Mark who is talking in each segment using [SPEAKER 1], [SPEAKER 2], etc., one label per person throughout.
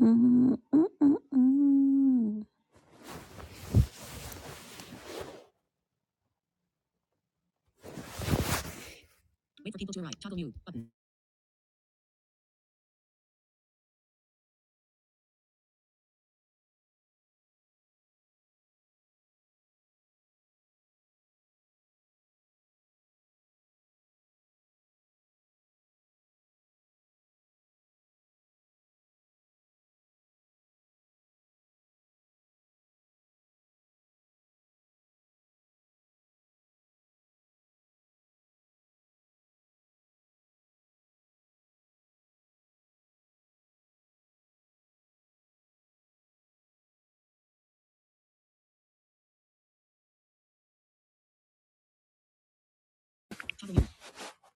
[SPEAKER 1] Mm, mm, mm, mm. Wait for people to arrive. Toggle mute button.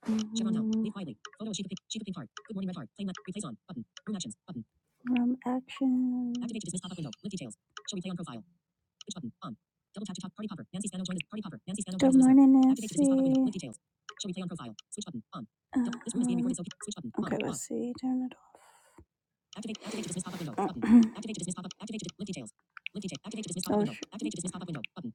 [SPEAKER 1] Mm. Room actions. to pop up party Nancy. pop up Uh, see. Turn it off. Activate to dismiss dismiss pop pop pop up up up window. window. Button.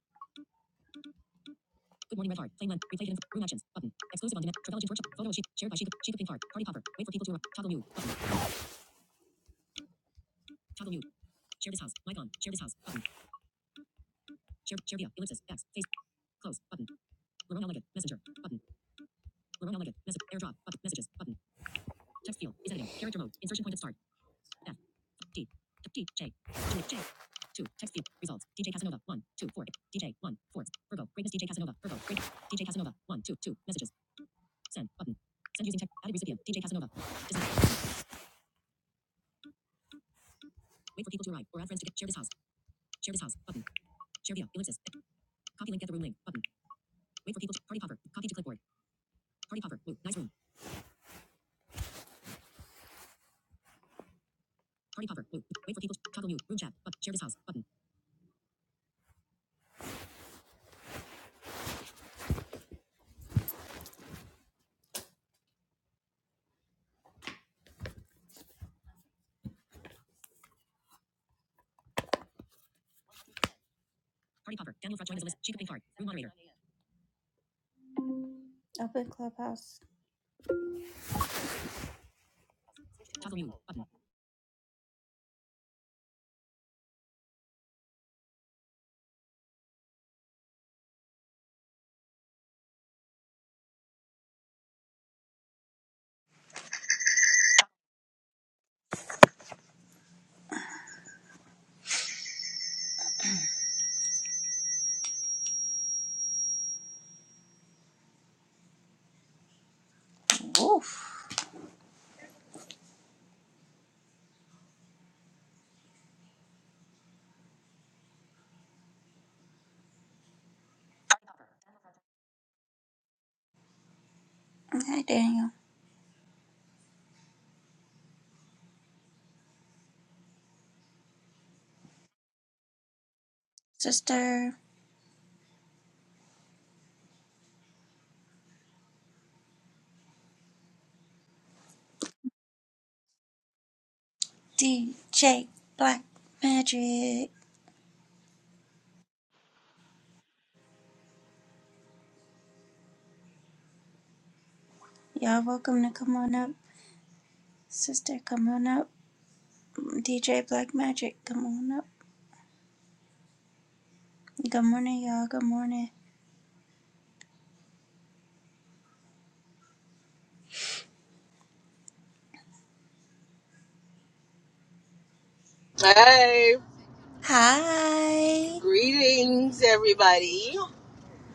[SPEAKER 1] Open Clubhouse.
[SPEAKER 2] Woof. Hi, Daniel. Sister DJ Black Magic. Y'all welcome to come on up. Sister, come on up. DJ Black Magic, come on up. Good morning, y'all. Good morning.
[SPEAKER 3] Hey,
[SPEAKER 2] Hi.
[SPEAKER 3] greetings, everybody.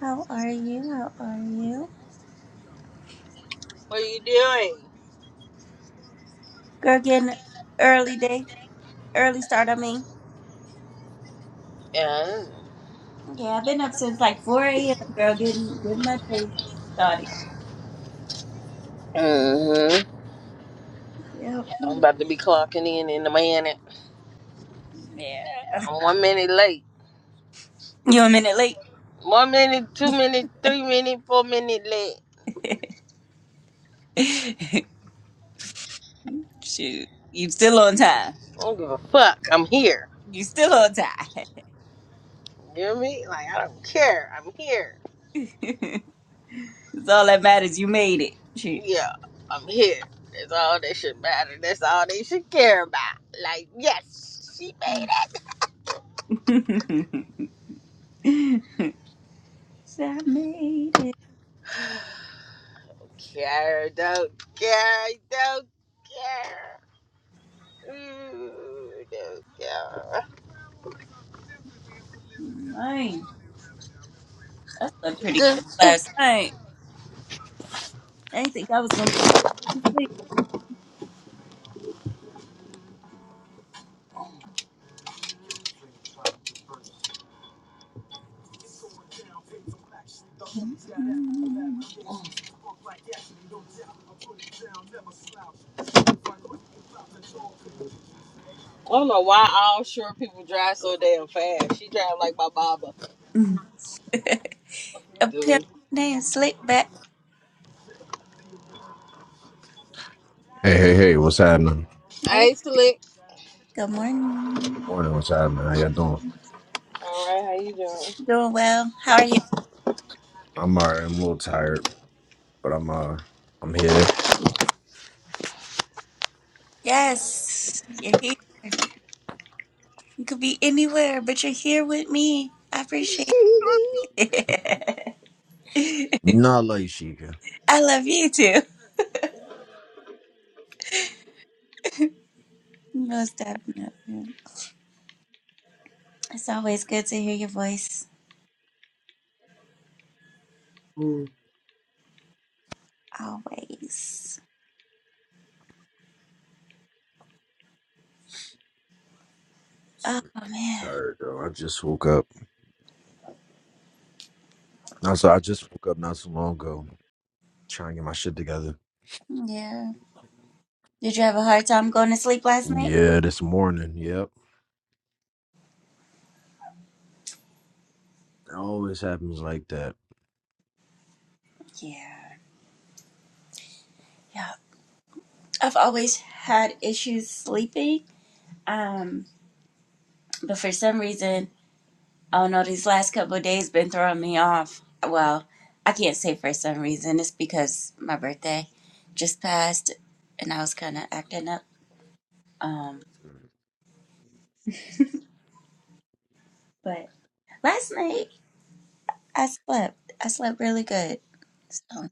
[SPEAKER 2] How are you? How are you?
[SPEAKER 3] What are you doing?
[SPEAKER 2] Girl, getting early day. Early start, I mean.
[SPEAKER 3] Yeah.
[SPEAKER 2] Yeah, I've been up since like 4 a.m. Girl, getting, getting my day started.
[SPEAKER 3] hmm
[SPEAKER 2] Yep.
[SPEAKER 3] I'm about to be clocking in in a minute.
[SPEAKER 2] Yeah.
[SPEAKER 3] I'm one minute late.
[SPEAKER 2] You a minute late.
[SPEAKER 3] One minute, two minute, three minute, four minute late.
[SPEAKER 2] Shoot, you still on time.
[SPEAKER 3] I don't give a fuck. I'm here.
[SPEAKER 2] You still on time.
[SPEAKER 3] You hear me? Like, I don't care. I'm here.
[SPEAKER 2] it's all that matters. You made it. Shoot,
[SPEAKER 3] Yeah, I'm here. That's all that should matter. That's all they should care about. Like, yes, she made it.
[SPEAKER 2] So I made it.
[SPEAKER 3] Care, don't care, don't care. Good.
[SPEAKER 2] Man, I slept pretty good
[SPEAKER 3] I
[SPEAKER 2] last night. I didn't think I was gonna be able to go back to sleep.
[SPEAKER 3] don't know why all short people drive so damn fast. She drive like my mama.
[SPEAKER 2] A pimp
[SPEAKER 3] Dude.
[SPEAKER 2] named Slick back.
[SPEAKER 4] Hey, hey, hey, what's happening?
[SPEAKER 2] Hey,
[SPEAKER 3] Hey, Slick.
[SPEAKER 2] good morning.
[SPEAKER 4] Morning, what's happening? How y'all doing?
[SPEAKER 3] All right, how you doing?
[SPEAKER 2] Doing well. How are you?
[SPEAKER 4] I'm alright, I'm a little tired, but I'm uh I'm here.
[SPEAKER 2] Yes, you're here. You could be anywhere, but you're here with me. I appreciate it.
[SPEAKER 4] Not like Sheikah.
[SPEAKER 2] I love you too. Most definitely. It's always good to hear your voice.
[SPEAKER 4] Mm.
[SPEAKER 2] Always. Oh
[SPEAKER 4] Super
[SPEAKER 2] man.
[SPEAKER 4] tired though. I just woke up. No, so I just woke up not so long ago. Trying to get my shit together.
[SPEAKER 2] Yeah. Did you have a hard time going to sleep last night?
[SPEAKER 4] Yeah, this morning, yep. It always happens like that.
[SPEAKER 2] Yeah. Yeah. I've always had issues sleeping. Um, but for some reason, I don't know, these last couple of days been throwing me off. Well, I can't say for some reason. It's because my birthday just passed and I was kinda acting up. Um, but last night. I slept. I slept really good. So I woke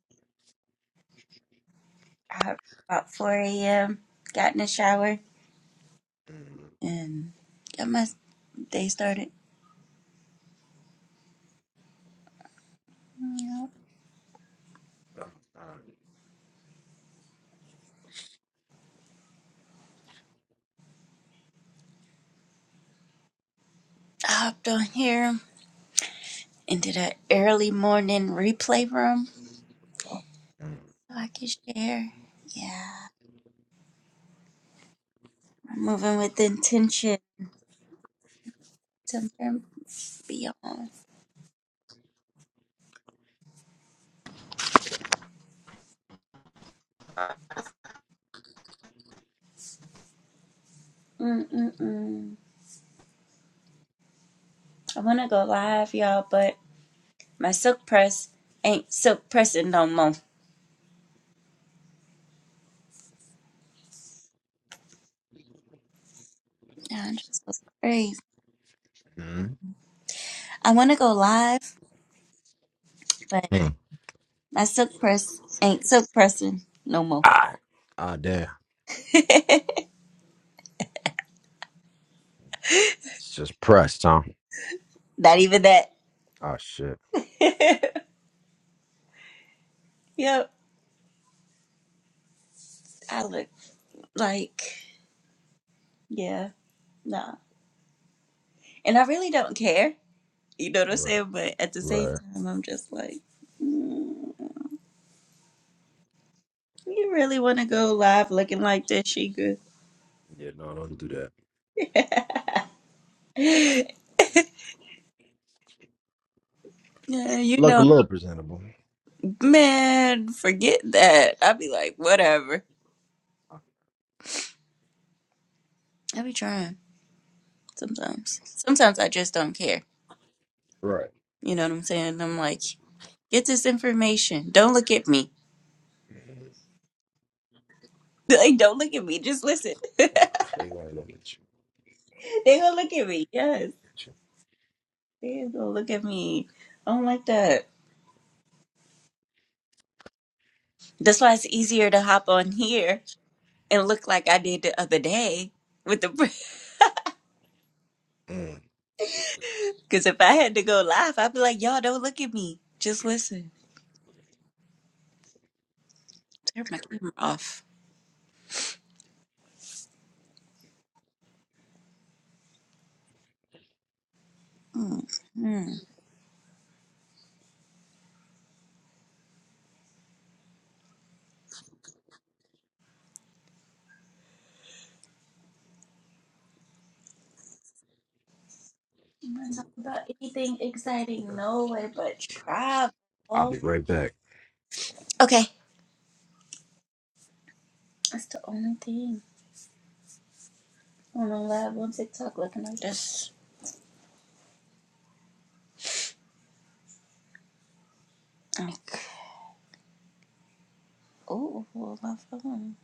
[SPEAKER 2] up about 4 a.m. Got in the shower
[SPEAKER 4] Mm-hmm.
[SPEAKER 2] and got my day started. Yeah. I hopped on here into the early morning replay room so I could share. Yeah, I'm moving with intention. Somewhere beyond. Mm-mm-mm. I want to go live, y'all, but my silk press ain't silk pressing no more. I just look crazy. I want to go live, but.
[SPEAKER 4] Mm-hmm.
[SPEAKER 2] That silk press ain't silk pressing no more.
[SPEAKER 4] Ah, ah damn. It's just pressed, huh?
[SPEAKER 2] Not even that.
[SPEAKER 4] Ah shit.
[SPEAKER 2] yep. I look like, yeah, nah. And I really don't care. You know what I'm
[SPEAKER 4] Right.
[SPEAKER 2] saying? But at the same
[SPEAKER 4] Right.
[SPEAKER 2] time, I'm just like, mm, you really want to go live looking like this, Sheikah?
[SPEAKER 4] Yeah, no, don't do that.
[SPEAKER 2] yeah, you
[SPEAKER 4] Look a
[SPEAKER 2] know me.
[SPEAKER 4] little presentable.
[SPEAKER 2] Man, forget that. I'd be like, whatever. I be trying sometimes. Sometimes I just don't care.
[SPEAKER 4] Right.
[SPEAKER 2] You know what I'm saying? I'm like, Get this information. Don't look at me. Like, don't look at me. Just listen. they
[SPEAKER 4] They gonna look at you.
[SPEAKER 2] gonna look at me. Yes, they gonna look at me. I don't like that. That's why it's easier to hop on here and look like I did the other day with the.
[SPEAKER 4] Mm,
[SPEAKER 2] Because if I had to go live, I'd be like, y'all don't look at me. Just listen. Turn my camera off. Mm. Mm. I'm not talking about anything exciting, no way, but
[SPEAKER 4] I'll
[SPEAKER 2] travel.
[SPEAKER 4] be right back.
[SPEAKER 2] Okay. That's the only thing. On the live on TikTok looking like this. Oh, oh, my phone.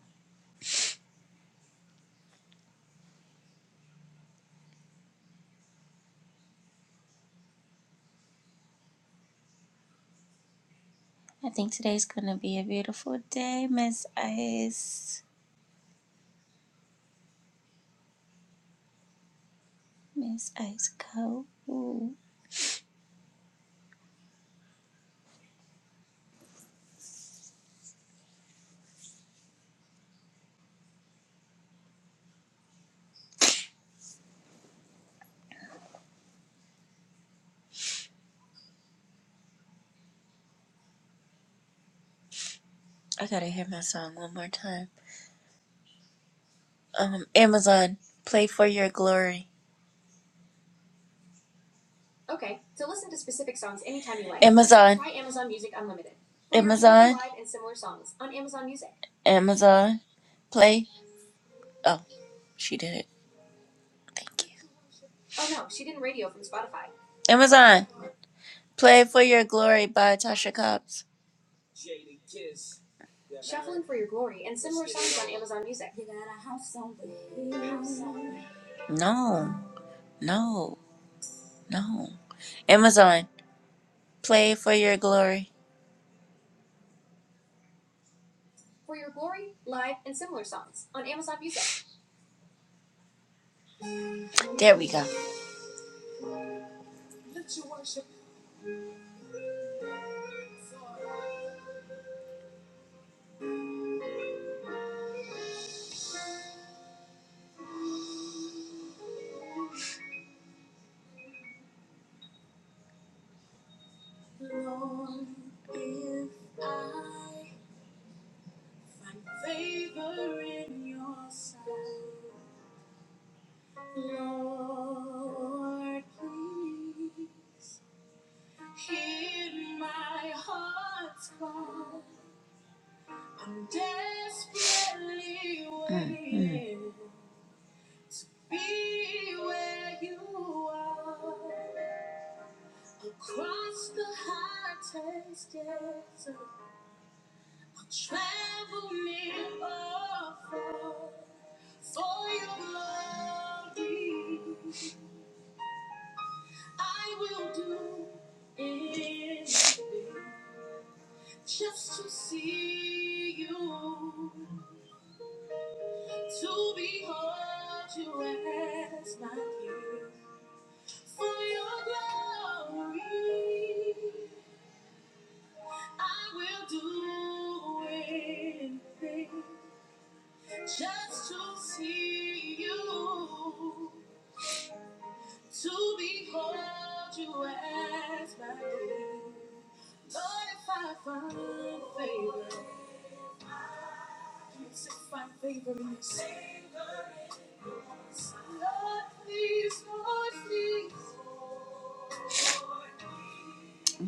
[SPEAKER 2] I think today's gonna be a beautiful day, Miss Ice. Miss Ice Co. Ooh. I gotta hear my song one more time. Um, Amazon, play for your glory. Okay, so listen to specific songs anytime you like. Amazon. Try Amazon Music Unlimited. Play Amazon. Live and similar songs on Amazon Music. Amazon, play. Oh, she did it. Thank you. Amazon. Play for Your Glory by Tasha Cobbs. No, no, no. Amazon, Play for Your Glory. There we go.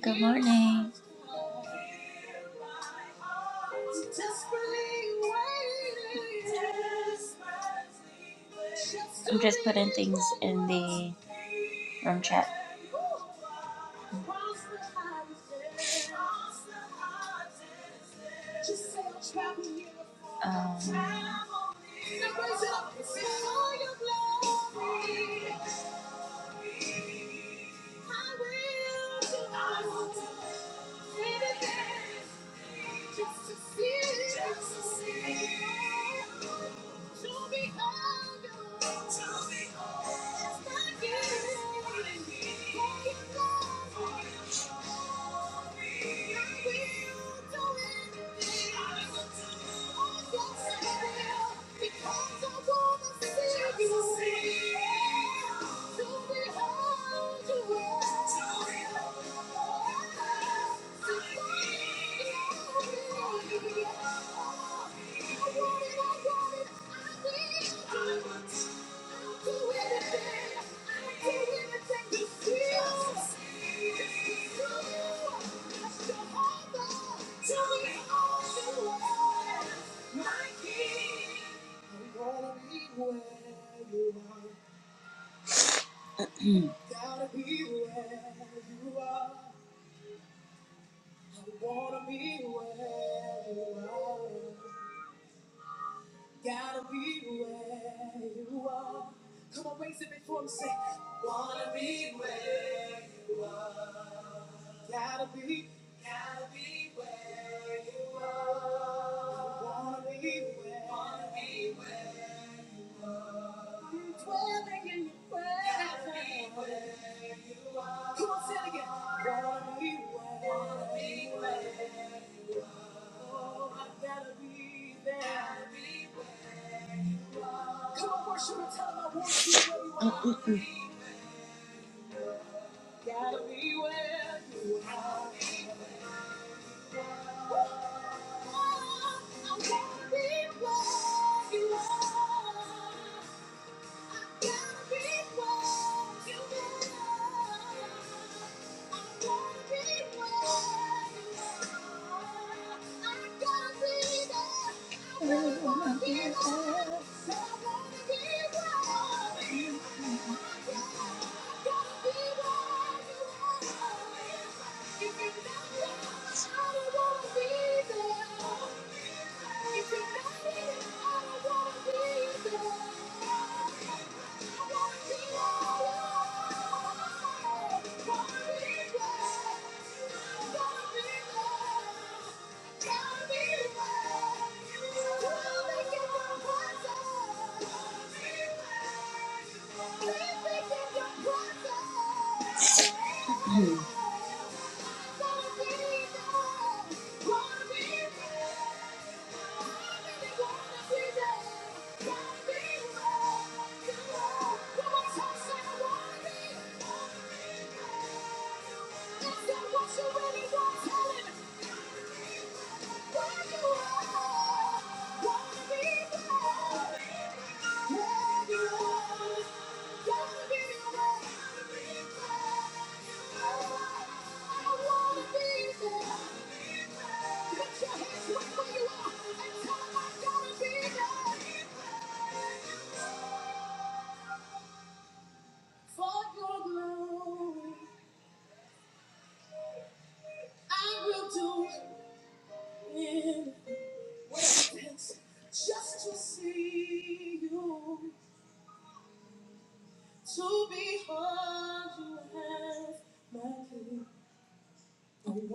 [SPEAKER 2] Good morning. I'm just putting things in the room chat. Um,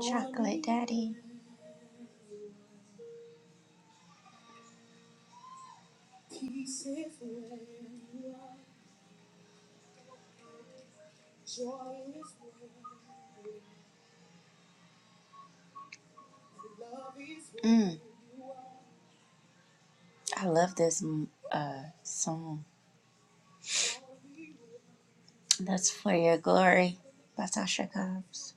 [SPEAKER 2] Chocolate Daddy. Mm, I love this mm, uh, song. That's For Your Glory by Tasha Cobbs.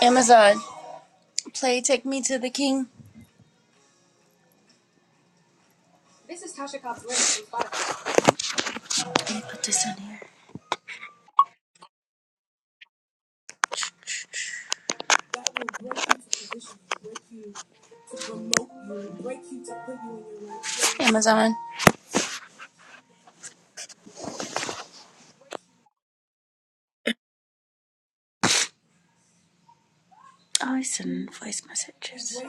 [SPEAKER 2] Amazon, play Take Me to the King. Let me put this on here. Amazon. Oh, I send voice messages.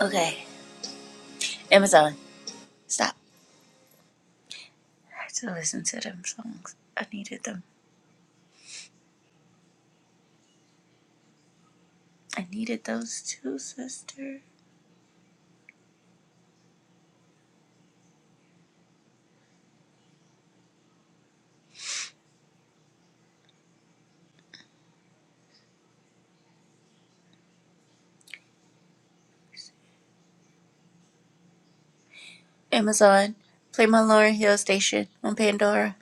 [SPEAKER 2] Okay. Amazon, stop. I had to listen to them songs. I needed them. I needed those two, sister. Amazon, play my Lauren Hill station on Pandora.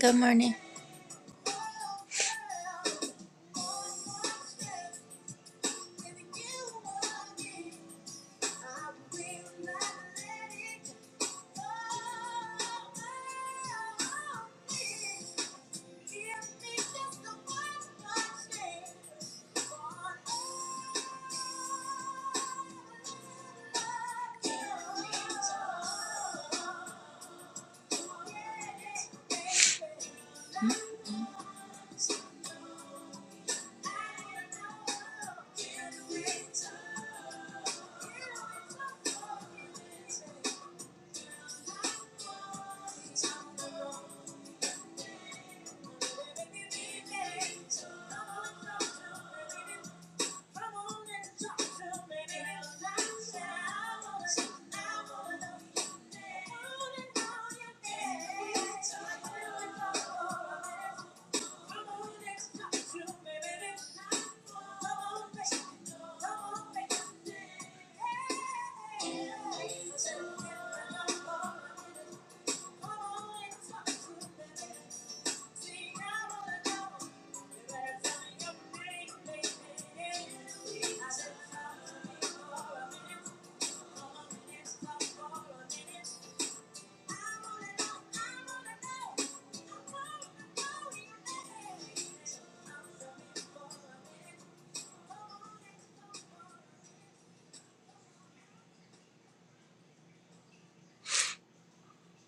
[SPEAKER 2] Good morning.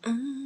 [SPEAKER 2] mm mm.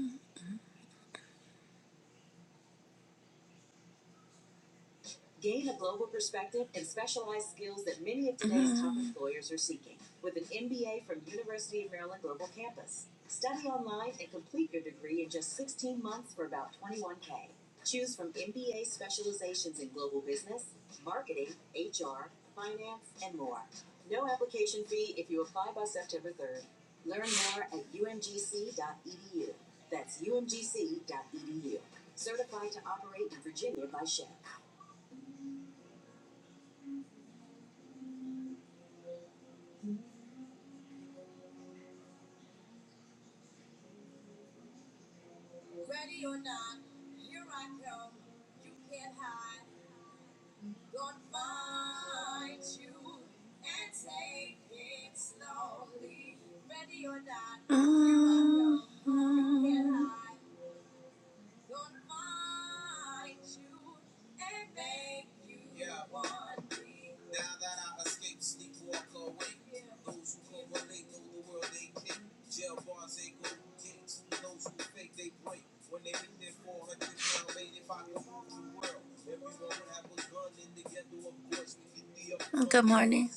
[SPEAKER 2] Good morning,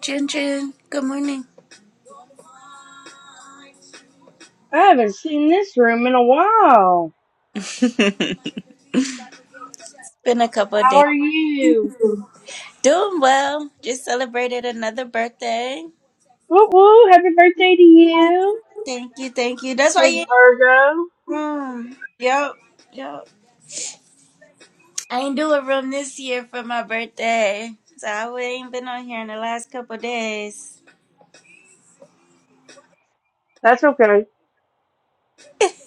[SPEAKER 2] Jin Jin. Good morning.
[SPEAKER 5] I haven't seen this room in a while.
[SPEAKER 2] Been a couple of
[SPEAKER 5] How
[SPEAKER 2] days.
[SPEAKER 5] are you?
[SPEAKER 2] Doing well. Just celebrated another birthday.
[SPEAKER 5] Woo woo! Happy birthday to you.
[SPEAKER 2] Thank you, thank you. That's why you
[SPEAKER 5] Big
[SPEAKER 2] ain't
[SPEAKER 5] Virgo?
[SPEAKER 2] room. Yep, yep. I ain't do a room this year for my birthday. So I ain't been on here in the last couple of days.
[SPEAKER 5] That's okay.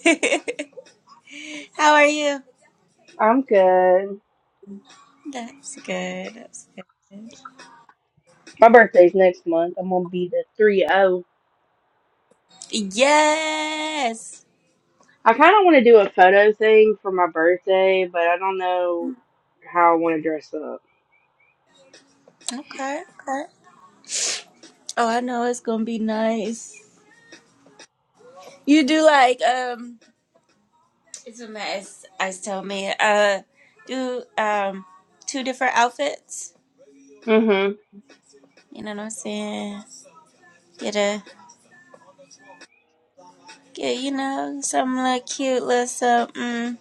[SPEAKER 2] How are you?
[SPEAKER 5] I'm good.
[SPEAKER 2] That's good. That's good.
[SPEAKER 5] My birthday's next month. I'm gonna be the three O.
[SPEAKER 2] Yes.
[SPEAKER 5] I kind of want to do a photo thing for my birthday, but I don't know how I want to dress up.
[SPEAKER 2] Okay, okay. Oh, I know it's gonna be nice. You do like um It's a mess. I told me, uh, do um two different outfits.
[SPEAKER 5] Mm-hmm.
[SPEAKER 2] You know what I'm saying? Get a get you know some little cute little something. Mm.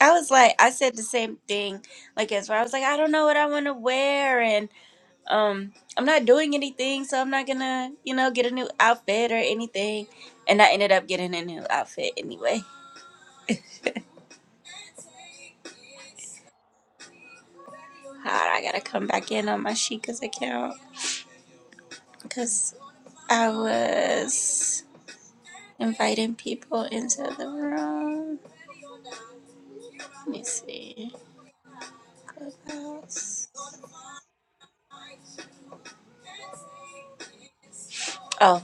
[SPEAKER 2] I was like, I said the same thing. Like as far I was like, I don't know what I want to wear, and um, I'm not doing anything, so I'm not gonna you know get a new outfit or anything. And I ended up getting a new outfit anyway. God, I gotta come back in on my Sheikah's account because I was. Inviting people into the room. Let me see. Clubhouse. Oh,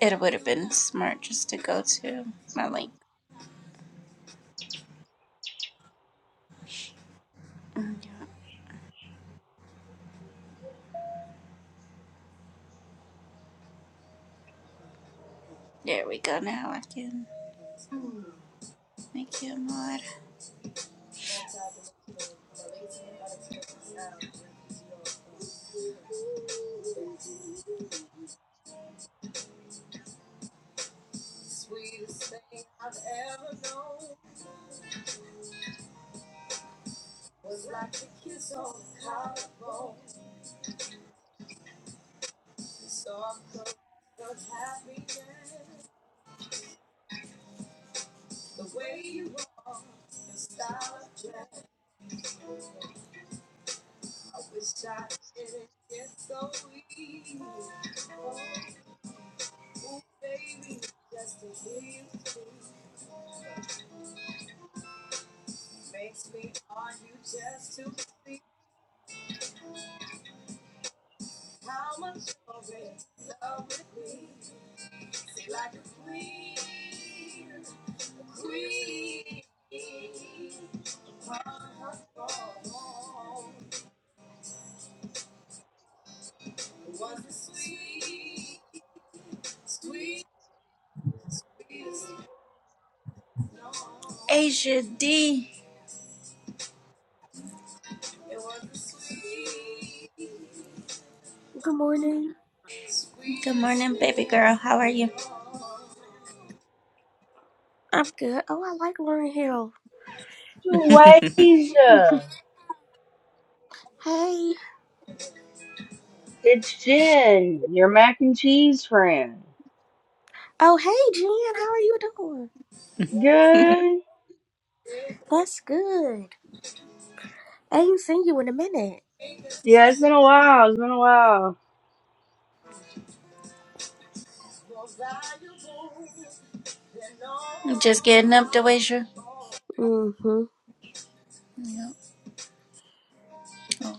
[SPEAKER 2] it would have been smart just to go to my link. Mm, yeah. There we go. Now I can make you a mod. Asia D.
[SPEAKER 6] Good morning.
[SPEAKER 2] Good morning, baby girl. How are you?
[SPEAKER 6] I'm good. Oh, I like Lauren Hill.
[SPEAKER 5] Joasia,
[SPEAKER 6] hey.
[SPEAKER 5] it's Jen, your mac and cheese friend.
[SPEAKER 6] Oh, hey, Jen. How are you doing?
[SPEAKER 5] Good.
[SPEAKER 6] That's good. I ain't seen you in a minute.
[SPEAKER 5] Yeah, it's been a while. It's been a while.
[SPEAKER 2] I'm just getting up to Asia.
[SPEAKER 6] Mm-hmm.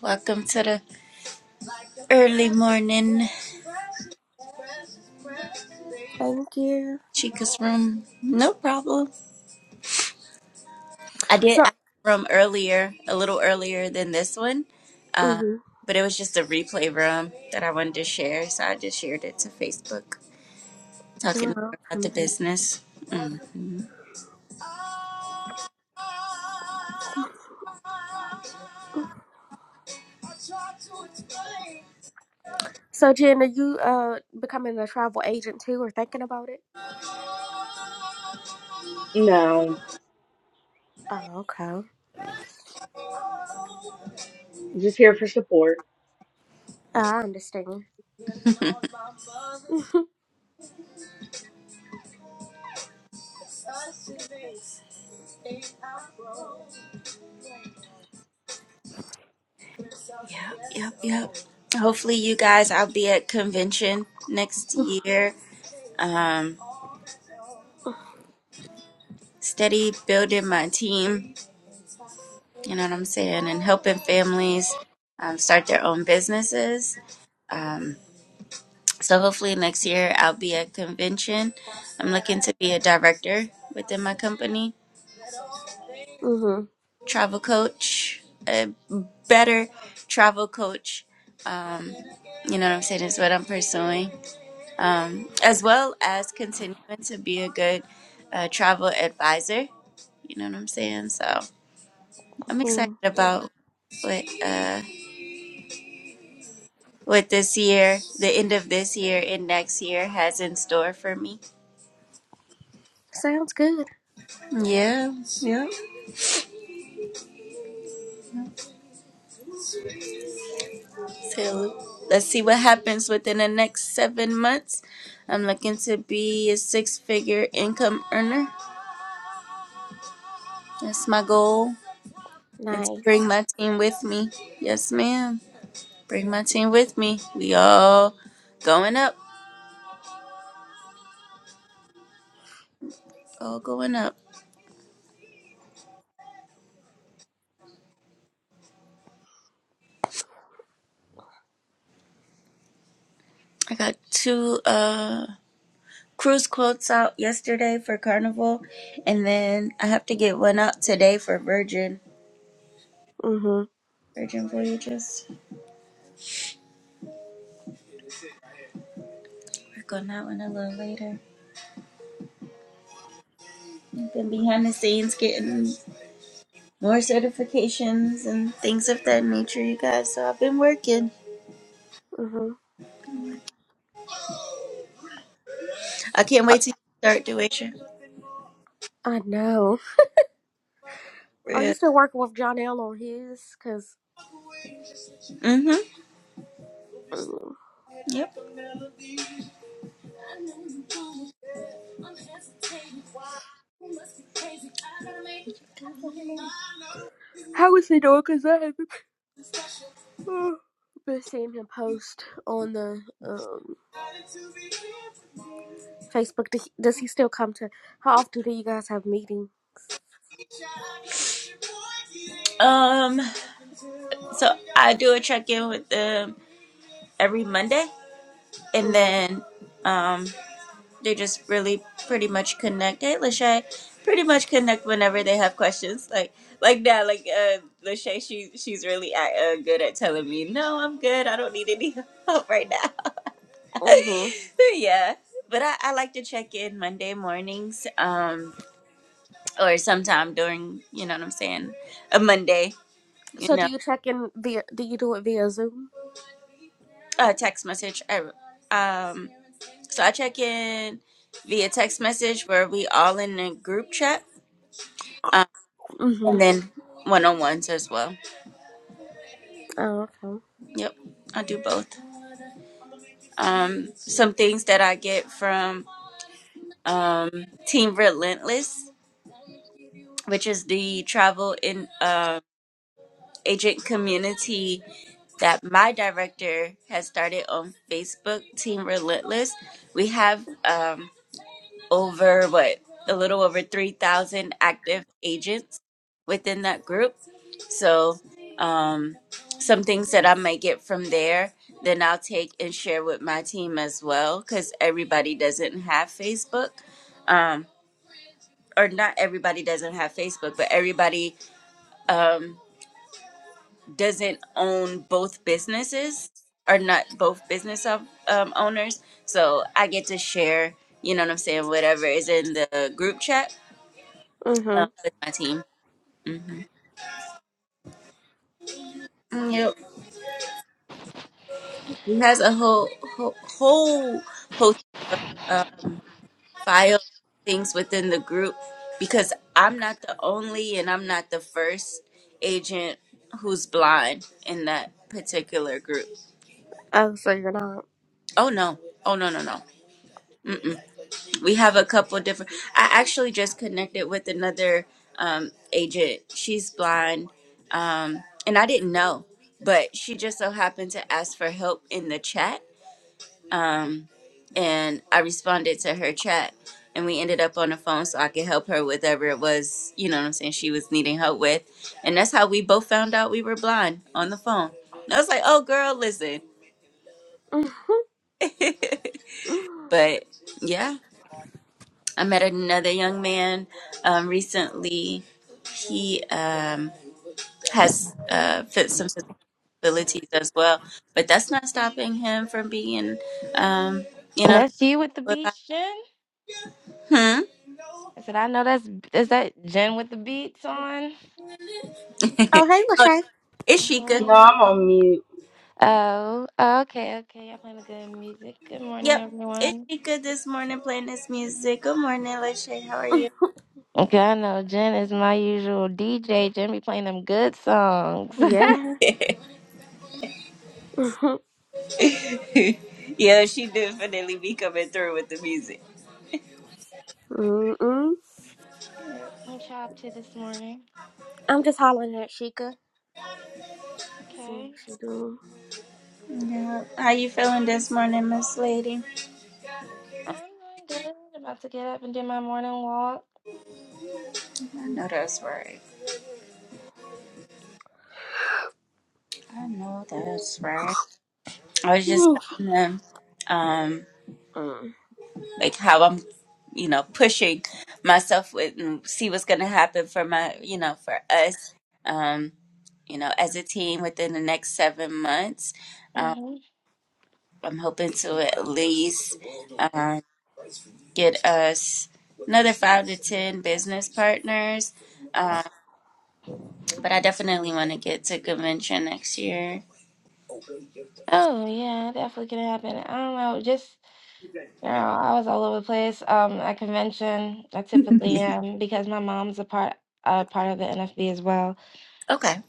[SPEAKER 2] Welcome to the early morning
[SPEAKER 6] Thank you.
[SPEAKER 2] Chica's room. No problem. I did
[SPEAKER 6] So,
[SPEAKER 2] I had room earlier, a little earlier than this one, uh,
[SPEAKER 6] mm-hmm.
[SPEAKER 2] but it was just a replay room that I wanted to share, so I just shared it to Facebook, talking
[SPEAKER 6] You're
[SPEAKER 2] about the
[SPEAKER 6] welcome.
[SPEAKER 2] business. hmm
[SPEAKER 6] So, Jen, are you uh becoming a travel agent too, or thinking about it?
[SPEAKER 5] No.
[SPEAKER 6] Oh, okay.
[SPEAKER 5] Just here for support.
[SPEAKER 6] I understand.
[SPEAKER 2] Yep, yep, yep. Hopefully, you guys, I'll be at convention next year. Um, steady building my team, you know what I'm saying, and helping families um, start their own businesses. Um, So hopefully next year I'll be at convention. I'm looking to be a director within my company,
[SPEAKER 6] Mm-hmm.
[SPEAKER 2] travel coach, a better travel coach. Um, you know what I'm saying is what I'm pursuing, um, as well as continuing to be a good uh, travel advisor. You know what I'm saying? So I'm excited
[SPEAKER 6] mm-hmm.
[SPEAKER 2] about what uh, what this year, the end of this year and next year has in store for me.
[SPEAKER 6] Sounds good.
[SPEAKER 2] Yeah, yeah. So let's see what happens within the next seven months. I'm looking to be a six figure income earner. That's my goal. And to bring
[SPEAKER 6] Nice.
[SPEAKER 2] my team with me. Yes, ma'am. Bring my team with me. We all going up. All going up. I got two uh cruise quotes out yesterday for Carnival and then I have to get one out today for Virgin.
[SPEAKER 6] Mm-hmm.
[SPEAKER 2] Virgin Voyages. Work on that one a little later. I've been behind the scenes getting more certifications and things of that nature, you guys. So I've been working.
[SPEAKER 6] Mm-hmm.
[SPEAKER 2] I can't
[SPEAKER 6] I
[SPEAKER 2] wait to start doing
[SPEAKER 6] I know. Are
[SPEAKER 2] your
[SPEAKER 6] you still working with John L on his? Cause.
[SPEAKER 2] Mm-hmm.
[SPEAKER 6] mm,
[SPEAKER 2] Yep.
[SPEAKER 6] Howard no, because I have been seeing him post on the um, Facebook. Does he, does he still come to? How often do you guys have meeting?
[SPEAKER 2] Um. So I do a check in with them every Monday, and
[SPEAKER 6] Mhm.
[SPEAKER 2] then. um. They just really pretty much connect. Hey, Lachey, pretty much connect whenever they have questions. Like like now, like uh, Lachey, she she's really uh, good at telling me, no, I'm good. I don't need any help right now.
[SPEAKER 6] Mhm.
[SPEAKER 2] yeah but I, I like to check in monday mornings um or sometime during you know what i'm saying a monday you
[SPEAKER 6] So
[SPEAKER 2] know
[SPEAKER 6] do you check in via? Do you do it via Zoom?
[SPEAKER 2] a text message I, um so i check in via text message where we all in a group chat and
[SPEAKER 6] Mhm.
[SPEAKER 2] then one-on-ones as well
[SPEAKER 6] Oh, okay.
[SPEAKER 2] yep i do both um some things that i get from um team relentless which is the travel in uh, agent community that my director has started on facebook team relentless we have um over what a little over 3,000 active agents within that group. So, um, some things that I might get from there, then I'll take and share with my team as well because everybody doesn't have Facebook. Um, or not everybody doesn't have Facebook, but everybody um, doesn't own both businesses or not both business of, um, owners. So I get to share, you know what I'm saying, whatever is in the group chat uh,
[SPEAKER 6] Mhm.
[SPEAKER 2] with my team. hmm Yep. He has a whole whole, whole host of uh, file things within the group because I'm not the only and I'm not the first agent who's blind in that particular group.
[SPEAKER 6] Oh, so you're not.
[SPEAKER 2] Oh no. Oh no no no. Mm-mm. We have a couple different. I actually just connected with another um, agent. She's blind, um, and I didn't know, but she just so happened to ask for help in the chat um, and I responded to her chat, and we ended up on the phone so I could help her with whatever it was, you know what I'm saying, she was needing help with. And that's how we both found out we were blind on the phone. And I was like, oh, girl, listen.
[SPEAKER 6] Mm.
[SPEAKER 2] but yeah, I met another young man um, recently. He um, has uh, fit some disabilities as well, but that's not stopping him from being, um, you know,
[SPEAKER 7] That's you with the beach, Jen.
[SPEAKER 2] hmm?
[SPEAKER 7] I said, I know that's is that Jen with the beats on.
[SPEAKER 6] Oh, hey, Lachey.
[SPEAKER 2] It's Sheikah.
[SPEAKER 5] No, I'm on
[SPEAKER 7] Mhm.
[SPEAKER 5] mute.
[SPEAKER 7] Oh, okay, okay. Y'all playing the good music. Good morning,
[SPEAKER 2] Yep. It's
[SPEAKER 7] everyone.
[SPEAKER 2] Sheikah this morning playing this music. Good morning, Lachey. How are you?
[SPEAKER 7] Okay, I know Jen is my usual DJ. Jen be playing them good songs.
[SPEAKER 6] Yeah. Mhm.
[SPEAKER 2] yeah, she definitely be coming through with the music.
[SPEAKER 6] Mm-mm.
[SPEAKER 7] What y'all up to this morning?
[SPEAKER 6] I'm just hollering at Sheikah. See what
[SPEAKER 7] Okay,
[SPEAKER 6] she doing.
[SPEAKER 2] Yeah. How you feeling this morning, Miss Lady?
[SPEAKER 7] I'm doing good. About to get up and do my morning walk.
[SPEAKER 2] I know that's right. I know that's right. I was just telling them, um,
[SPEAKER 6] Mm.
[SPEAKER 2] like how I'm, you know, pushing myself with and see what's gonna happen for my, you know, for us, um, you know, as a team within the next seven months.
[SPEAKER 7] hmm
[SPEAKER 2] I'm hoping to at least um, get us another five to ten business partners. Um, but I definitely want to get to convention next year.
[SPEAKER 7] Oh yeah, definitely gonna happen. I don't know, just. Girl, I was all over the place. Um, at convention, I typically am because my mom's a part a part of the NFB as well.
[SPEAKER 2] Okay.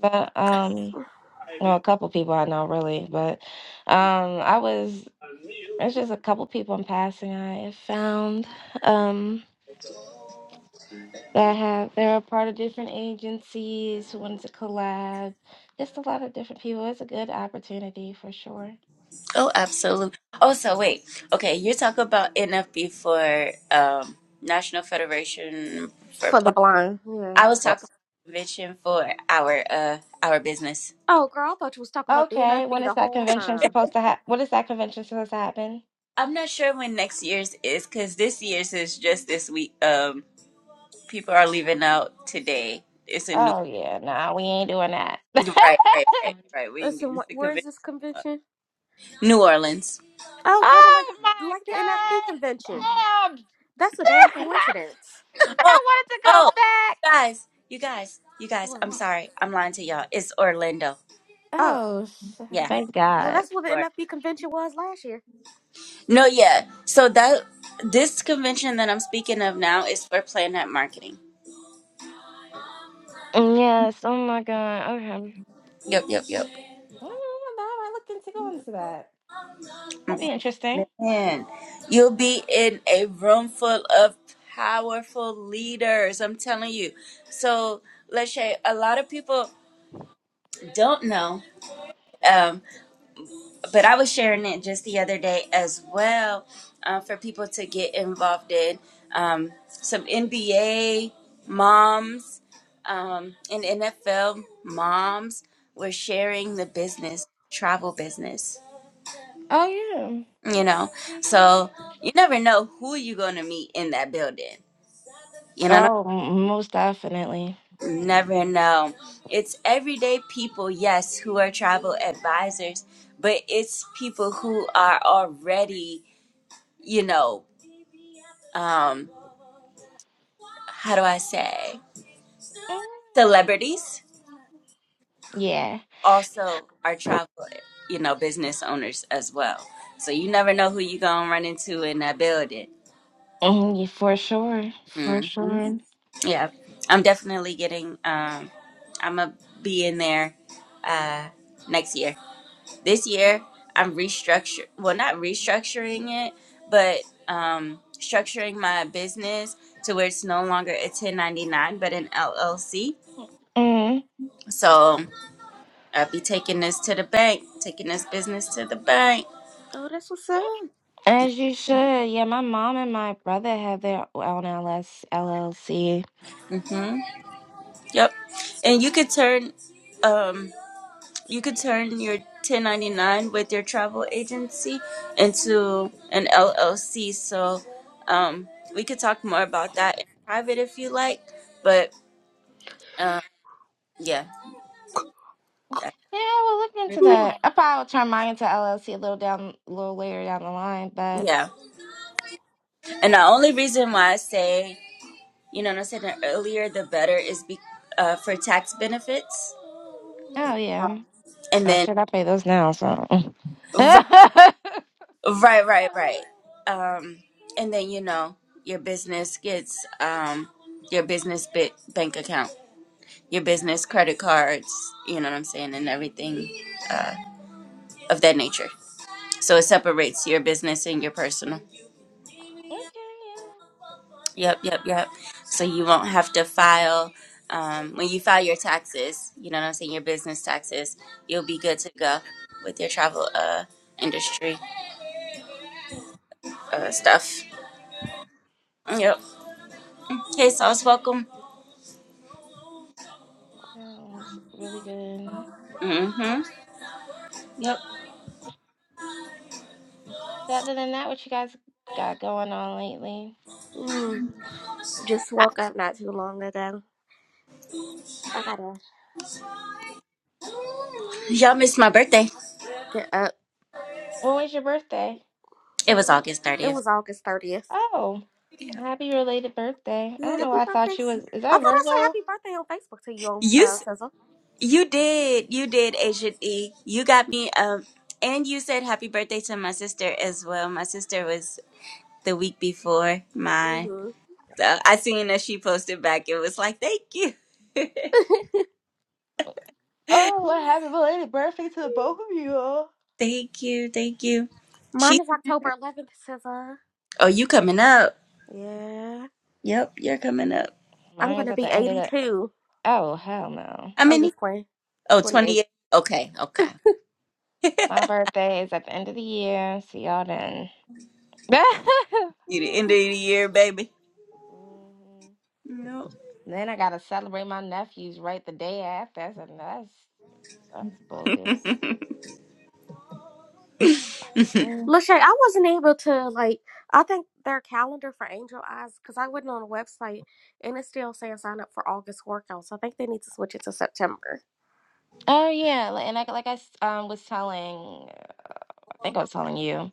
[SPEAKER 7] But um, well, a couple people I know really, but um, I was it's just a couple people in passing I have found um that have they're a part of different agencies who wanted to collab. Just a lot of different people. It's a good opportunity for sure.
[SPEAKER 2] Oh, absolutely. Oh, so wait. Okay, you talk about NFB for um, National Federation for
[SPEAKER 6] For the
[SPEAKER 2] Blind.
[SPEAKER 6] blind. Yeah.
[SPEAKER 2] I was
[SPEAKER 7] Well,
[SPEAKER 2] talking about convention for our uh our business.
[SPEAKER 6] Oh, girl, I thought you was talking about the
[SPEAKER 7] okay,
[SPEAKER 6] NFB
[SPEAKER 7] when is
[SPEAKER 6] the
[SPEAKER 7] that
[SPEAKER 6] whole
[SPEAKER 7] convention
[SPEAKER 6] time.
[SPEAKER 7] supposed to happen? What is that convention supposed to happen?
[SPEAKER 2] I'm not sure when next year's is because this year's is just this week. Um, people are leaving out today. It's a new.
[SPEAKER 7] Oh yeah, no, we ain't doing that. oh
[SPEAKER 2] Right, right, right, right. We ain't
[SPEAKER 6] Listen,
[SPEAKER 2] getting
[SPEAKER 6] wh-
[SPEAKER 2] sick
[SPEAKER 6] where
[SPEAKER 2] of
[SPEAKER 6] is
[SPEAKER 2] it.
[SPEAKER 6] this convention?
[SPEAKER 2] New Orleans.
[SPEAKER 6] Oh, kind of like
[SPEAKER 7] my
[SPEAKER 6] like the
[SPEAKER 7] god,
[SPEAKER 6] NFB convention.
[SPEAKER 7] damn!
[SPEAKER 6] That's a damn coincidence.
[SPEAKER 2] Oh,
[SPEAKER 7] I wanted to go
[SPEAKER 2] oh,
[SPEAKER 7] back.
[SPEAKER 2] guys, you guys, you guys.
[SPEAKER 6] What?
[SPEAKER 2] I'm sorry, I'm lying to y'all. It's Orlando.
[SPEAKER 6] Oh,
[SPEAKER 7] Oh, sh-
[SPEAKER 2] Yeah,
[SPEAKER 7] thank
[SPEAKER 6] well,
[SPEAKER 7] God.
[SPEAKER 6] that's what the
[SPEAKER 2] Florida.
[SPEAKER 6] NFB convention was last year.
[SPEAKER 2] No, yeah. So that this convention that I'm speaking of now is for Planet Marketing.
[SPEAKER 7] Mm, Yes. Oh my God. Okay.
[SPEAKER 2] Yep, yep, yep.
[SPEAKER 7] Oh, no, I looked into going to that. That'd
[SPEAKER 2] Mm,
[SPEAKER 7] be interesting.
[SPEAKER 2] Man, you'll be in a room full of powerful leaders. I'm telling you. So, Lachey, a lot of people don't know. um, but I was sharing it just the other day as well uh, for people to get involved in um, some NBA moms um, and NFL moms were sharing the business, travel business,
[SPEAKER 7] Oh yeah.
[SPEAKER 2] you know. So you never know who you're going to meet in that building. You know,
[SPEAKER 7] Oh, m- most definitely.
[SPEAKER 2] never know. It's everyday people, yes, who are travel advisors, but it's people who are already you know um how do I say
[SPEAKER 7] Mm.
[SPEAKER 2] celebrities
[SPEAKER 7] Yeah.
[SPEAKER 2] also are travel you know business owners as well. So you never know who you gonna run into in that building.
[SPEAKER 7] Mm, yeah, for sure. For
[SPEAKER 2] hmm
[SPEAKER 7] sure.
[SPEAKER 2] Yeah, I'm definitely getting. Um, I'm gonna be in there uh, next year. This year I'm restructure. Well, not restructuring it, but um, structuring my business to where it's no longer a 1099 but an LLC. So I be taking this to the bank, taking this business to the bank.
[SPEAKER 6] Oh, that's what's up.
[SPEAKER 7] As you should. Yeah, my mom and my brother have their own LS LLC.
[SPEAKER 2] Mhm. Yep. And you could turn, um, you could turn your 1099 with your travel agency into an LLC. So, um, we could talk more about that in private if you like. But, um, yeah. That-
[SPEAKER 7] Yeah, we'll look into
[SPEAKER 6] Hmm.
[SPEAKER 7] that. I'll probably will turn mine into LLC a little down, a little later down the line. But
[SPEAKER 2] Yeah. And the only reason why I say, you know, what I said earlier, the better is be, uh, for tax benefits.
[SPEAKER 7] oh yeah,
[SPEAKER 2] And
[SPEAKER 7] oh
[SPEAKER 2] then,
[SPEAKER 7] shit, I pay those now. So okay,
[SPEAKER 2] right.
[SPEAKER 7] yeah,
[SPEAKER 2] Right, right, right. Um, and then you know your business gets um your business bit bank account, your business credit cards. You know what I'm saying, and everything uh, of that nature. So it separates your business and your personal. Yep, yep, yep. So you won't have to file um, when you file your taxes. You know what I'm saying, your business taxes. You'll be good to go with your travel uh industry uh, stuff. Yep. Hey, sauce, welcome.
[SPEAKER 7] sounds really good.
[SPEAKER 2] Mm-hmm. Yep.
[SPEAKER 7] So other than that, what you guys got going on lately?
[SPEAKER 6] Mm, just woke up not too long ago. I gotta
[SPEAKER 2] Y'all missed my birthday.
[SPEAKER 6] get up.
[SPEAKER 7] When was your birthday?
[SPEAKER 2] It was August
[SPEAKER 6] It
[SPEAKER 2] 30th.
[SPEAKER 6] was August thirtieth.
[SPEAKER 7] Oh, happy related birthday! I
[SPEAKER 6] Yeah,
[SPEAKER 7] don't know
[SPEAKER 6] happy
[SPEAKER 7] why I
[SPEAKER 6] birthday.
[SPEAKER 7] thought you was. Is
[SPEAKER 6] I thought
[SPEAKER 7] that
[SPEAKER 6] I said
[SPEAKER 7] Virgo?
[SPEAKER 6] happy birthday on Facebook to you on
[SPEAKER 2] You
[SPEAKER 6] uh,
[SPEAKER 2] s-
[SPEAKER 6] SZA.
[SPEAKER 2] you did. You did, Agent E. You got me um and you said happy birthday to my sister as well. My sister was the week before mine.
[SPEAKER 6] hmm
[SPEAKER 2] So I seen that she posted back. It was like, thank you.
[SPEAKER 7] Oh, a happy belated birthday to the both of you all.
[SPEAKER 2] thank you. Thank you.
[SPEAKER 6] Mine
[SPEAKER 2] She
[SPEAKER 6] is October eleventh, Sizzle.
[SPEAKER 2] Oh, you coming up.
[SPEAKER 6] Yeah,
[SPEAKER 2] Yep, you're coming up.
[SPEAKER 6] I'm
[SPEAKER 7] Mine is
[SPEAKER 6] gonna
[SPEAKER 7] at the
[SPEAKER 6] be
[SPEAKER 7] end of the.
[SPEAKER 6] eighty-two.
[SPEAKER 7] Oh, hell no.
[SPEAKER 2] How
[SPEAKER 6] I'm
[SPEAKER 2] many?
[SPEAKER 6] just playing.
[SPEAKER 2] Oh,
[SPEAKER 6] Twenty-eight.
[SPEAKER 2] twenty-eight. Okay, okay. you
[SPEAKER 7] My birthday is at the end of the year. See y'all then. hmm
[SPEAKER 2] the end of
[SPEAKER 6] Mhm.
[SPEAKER 2] the year, baby. No.
[SPEAKER 7] Then I gotta celebrate my nephews right the day after. That's that's, that's bogus. Mm.
[SPEAKER 6] Lachey, I wasn't able to like. I think their calendar for Angel Eyes because I went on the website and it's still saying sign up for August workouts. I think they need to switch it to September.
[SPEAKER 7] Oh yeah, li- and like like I s- um was telling, I think I was telling you.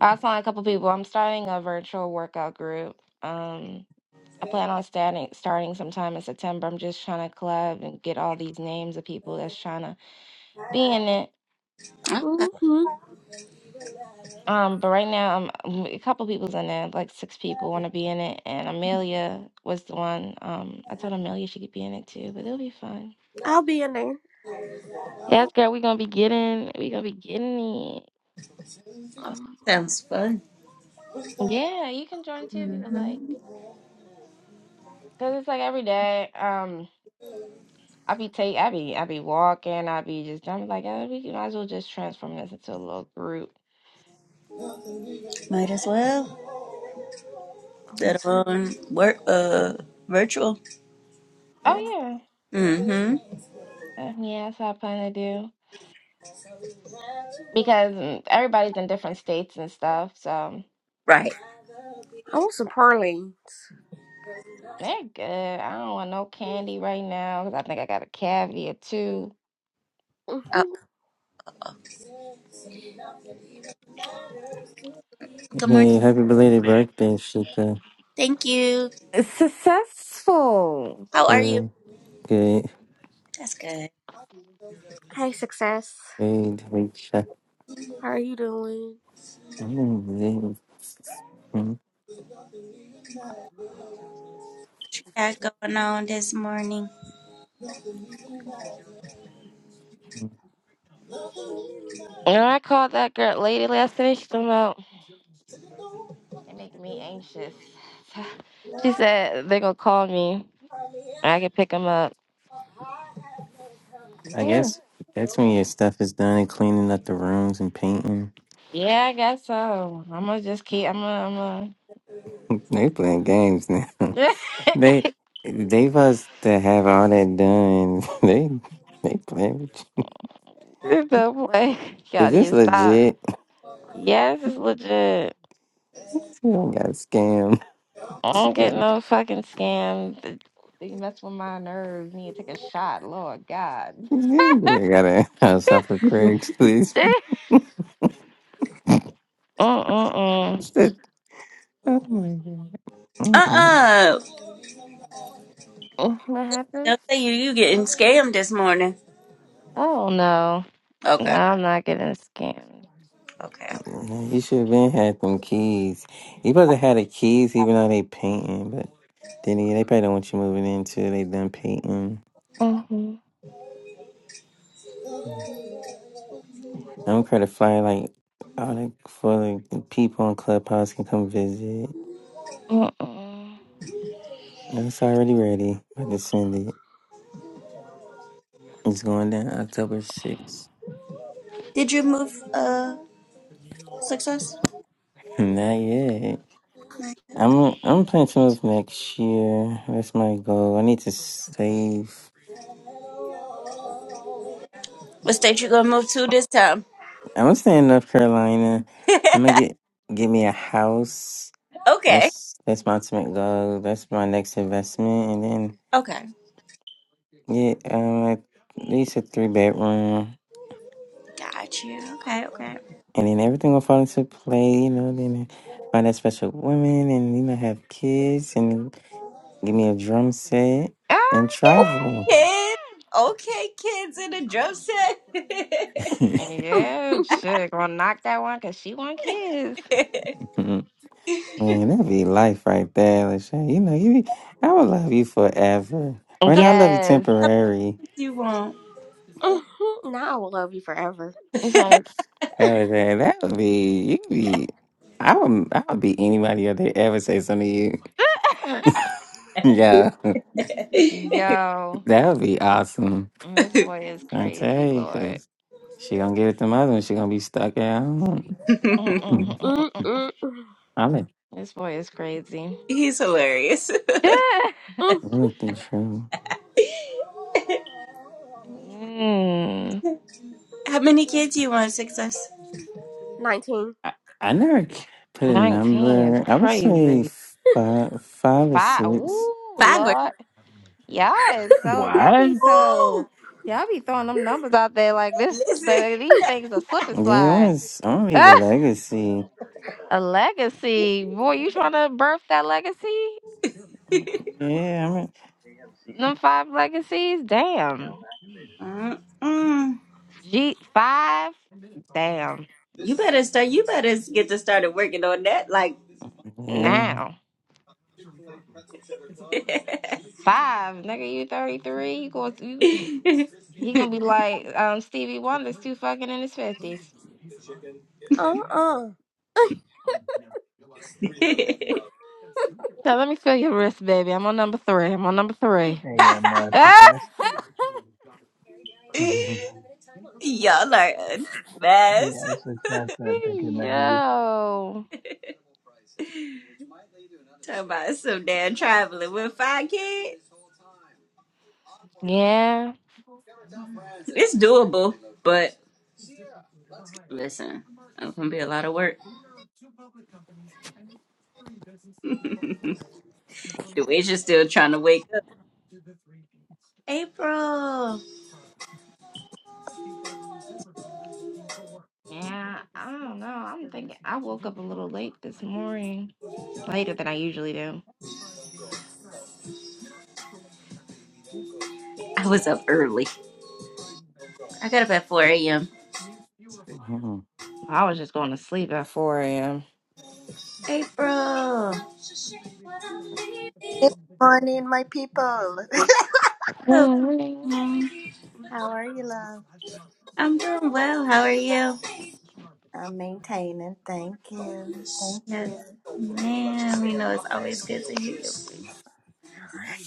[SPEAKER 7] I was telling a couple people. I'm starting a virtual workout group. Um, I plan on starting starting sometime in September. I'm just trying to collab and get all these names of people that's trying to be in it.
[SPEAKER 6] hmm
[SPEAKER 7] Um, but right now, I'm, a couple people's in it. like six people want to be in it, and Amelia was the one. Um, I told Amelia she could be in it too, but it'll be fun.
[SPEAKER 6] I'll be in there.
[SPEAKER 7] Yes, girl, we gonna be getting, we gonna be getting it.
[SPEAKER 6] Mm,
[SPEAKER 2] Sounds fun.
[SPEAKER 7] Yeah, you can join too if you would
[SPEAKER 2] Mhm.
[SPEAKER 7] like, cause it's like every day. Um, I be take, I be, I be walking, I be just, I'm like, oh, we might as well just transform this into a little group.
[SPEAKER 2] Might as well. that
[SPEAKER 6] that's- mm.
[SPEAKER 2] on work uh virtual.
[SPEAKER 7] Oh yeah.
[SPEAKER 2] Mm-hmm.
[SPEAKER 7] Uh, Yes, I plan to do because mm, everybody's in different states and stuff, so
[SPEAKER 2] Right.
[SPEAKER 6] I want some pearlings.
[SPEAKER 7] they're good. I don't want no candy right now because I think I got a cavity or two.
[SPEAKER 6] hmm
[SPEAKER 2] oh good morning.
[SPEAKER 8] Hey, happy belated birthday, Shika.
[SPEAKER 2] Thank you.
[SPEAKER 7] It's successful.
[SPEAKER 2] How are you?
[SPEAKER 8] Good, good,
[SPEAKER 2] That's good.
[SPEAKER 6] Hey, success.
[SPEAKER 8] great week, Shika.
[SPEAKER 6] How are you doing?
[SPEAKER 8] Mm,
[SPEAKER 2] What you got going on this morning?
[SPEAKER 8] mm.
[SPEAKER 7] You know, I called that girl lady last night. She's talking about they're making me anxious. So, she said they're gonna call me. and I can pick them up.
[SPEAKER 8] I
[SPEAKER 7] Mm.
[SPEAKER 8] guess that's when your stuff is done and cleaning up the rooms and painting.
[SPEAKER 7] Yeah, I guess so. I'm gonna just keep. I'm gonna. I'm
[SPEAKER 8] They playing games now.
[SPEAKER 7] gonna.
[SPEAKER 8] They they must to have all that done. They they playing. with you.
[SPEAKER 7] Don't play. Y'all
[SPEAKER 8] Is
[SPEAKER 7] need
[SPEAKER 8] this
[SPEAKER 7] to stop.
[SPEAKER 8] legit?
[SPEAKER 7] Yes, it's legit.
[SPEAKER 8] You don't got scammed.
[SPEAKER 7] I
[SPEAKER 8] You
[SPEAKER 7] don't get
[SPEAKER 8] gotta,
[SPEAKER 7] no fucking scam. Th- You mess with my nerves. Need to take a shot. Lord God.
[SPEAKER 8] you gotta have some for Craig's, please.
[SPEAKER 7] Mm-mm-mm.
[SPEAKER 8] Oh my god. Mm-mm.
[SPEAKER 2] Uh-uh.
[SPEAKER 7] Mm, What happened?
[SPEAKER 2] Don't say you you getting scammed this morning.
[SPEAKER 7] Oh no. No,
[SPEAKER 2] Okay.
[SPEAKER 7] I'm not getting scammed.
[SPEAKER 2] Okay, okay.
[SPEAKER 8] Man, You should have been had them keys. You supposed to have the keys even though they painting, but then again, they probably don't want you moving into they done painting.
[SPEAKER 7] Mm-hmm.
[SPEAKER 8] I don't care to fly like all the for like, the people on Clubhouse can come visit.
[SPEAKER 7] Mm-mm.
[SPEAKER 8] And It's already ready. About to send it. It's going down October sixth.
[SPEAKER 2] Did you move uh success?
[SPEAKER 8] Not yet. I'm I'm planning to move next year. That's my goal. I need to save.
[SPEAKER 2] What state you gonna move to this time?
[SPEAKER 8] I'm gonna stay in North Carolina. I'm gonna get get me a house.
[SPEAKER 2] okay.
[SPEAKER 8] That's that's my ultimate goal. That's my next investment, and then
[SPEAKER 2] Okay.
[SPEAKER 8] get um at least a three bedroom,
[SPEAKER 2] Got you. Okay, okay.
[SPEAKER 8] and then everything will fall into play. You know, then find that special woman, and you know have kids, and give me a drum set and
[SPEAKER 2] Oh
[SPEAKER 7] Okay.
[SPEAKER 8] travel.
[SPEAKER 2] kid. Okay, kids in a drum
[SPEAKER 7] Yeah,
[SPEAKER 6] hmm
[SPEAKER 7] chick. Gonna knock that one because she want kids.
[SPEAKER 2] set.
[SPEAKER 8] Man, that'd be life right there, Lachey. You know, you I would love you forever. Right now, I love you
[SPEAKER 7] Yes.
[SPEAKER 8] temporary.
[SPEAKER 2] You won't.
[SPEAKER 6] Now I will love you forever.
[SPEAKER 7] You trying
[SPEAKER 8] That was it. That would be you could be I would I would be anybody out there ever say something to you.
[SPEAKER 7] to
[SPEAKER 8] yeah.
[SPEAKER 7] Yo.
[SPEAKER 8] That would be awesome.
[SPEAKER 7] This boy is
[SPEAKER 8] I
[SPEAKER 7] crazy,
[SPEAKER 8] tell you,
[SPEAKER 7] Lord.
[SPEAKER 8] cause she gonna give it to mother and she gonna be stuck at home.
[SPEAKER 7] Mm-mm-mm-mm-mm.
[SPEAKER 6] Mm-mm-mm.
[SPEAKER 8] I'm a
[SPEAKER 7] This boy is crazy.
[SPEAKER 2] He's hilarious.
[SPEAKER 8] look the truth.
[SPEAKER 7] Mm,
[SPEAKER 2] How many kids do you want, Success?
[SPEAKER 6] Nineteen.
[SPEAKER 8] I, I never c- put a
[SPEAKER 7] 19 is
[SPEAKER 8] number. I would say
[SPEAKER 7] crazy.
[SPEAKER 8] five five or
[SPEAKER 7] Five.
[SPEAKER 8] six.
[SPEAKER 7] Woo,
[SPEAKER 2] Five or
[SPEAKER 7] Lord. Y'all is so, y'all
[SPEAKER 9] What?
[SPEAKER 7] be
[SPEAKER 2] Ooh,
[SPEAKER 7] so, y'all be throwing them numbers out there like this.
[SPEAKER 2] listen.
[SPEAKER 7] The, these things are slip and
[SPEAKER 8] Yeah, it
[SPEAKER 7] slide.
[SPEAKER 8] was I'm to leave a
[SPEAKER 7] Ah,
[SPEAKER 8] legacy.
[SPEAKER 7] a legacy. Boy, you trying to birth that legacy?
[SPEAKER 8] Yeah, I'm
[SPEAKER 7] Them five legacies? Damn.
[SPEAKER 2] Mm-mm.
[SPEAKER 7] G five? Damn.
[SPEAKER 2] You better start. You better get to started working on that. Like.
[SPEAKER 8] a,
[SPEAKER 7] Now. Five, nigga, you 33. You going you, he gonna be like um, Stevie Wonder's too fucking in his 50s.
[SPEAKER 6] Uh uh
[SPEAKER 7] Now let me feel your wrist, baby. I'm on number three. I'm on number three. Ah!
[SPEAKER 2] Y'all are a mess.
[SPEAKER 7] Yo.
[SPEAKER 2] Talking about some damn traveling with five kids.
[SPEAKER 7] Yeah.
[SPEAKER 2] It's doable, but listen, it's gonna be a lot of work. Deweja's still trying to wake up. April.
[SPEAKER 7] Yeah. I don't know. I'm thinking I woke up a little late this morning. Later than I usually do.
[SPEAKER 2] I was up early. I got up at 4 a.m.
[SPEAKER 8] yeah.
[SPEAKER 7] I was just going to sleep at 4 a.m.
[SPEAKER 2] April.
[SPEAKER 10] Good morning, my people.
[SPEAKER 2] Good morning.
[SPEAKER 10] How are you, love?
[SPEAKER 2] I'm doing well. How are you?
[SPEAKER 10] I'm maintaining. Thank you. Thank
[SPEAKER 2] Yes,
[SPEAKER 10] you.
[SPEAKER 2] ma'am. You know, it's always good to hear you.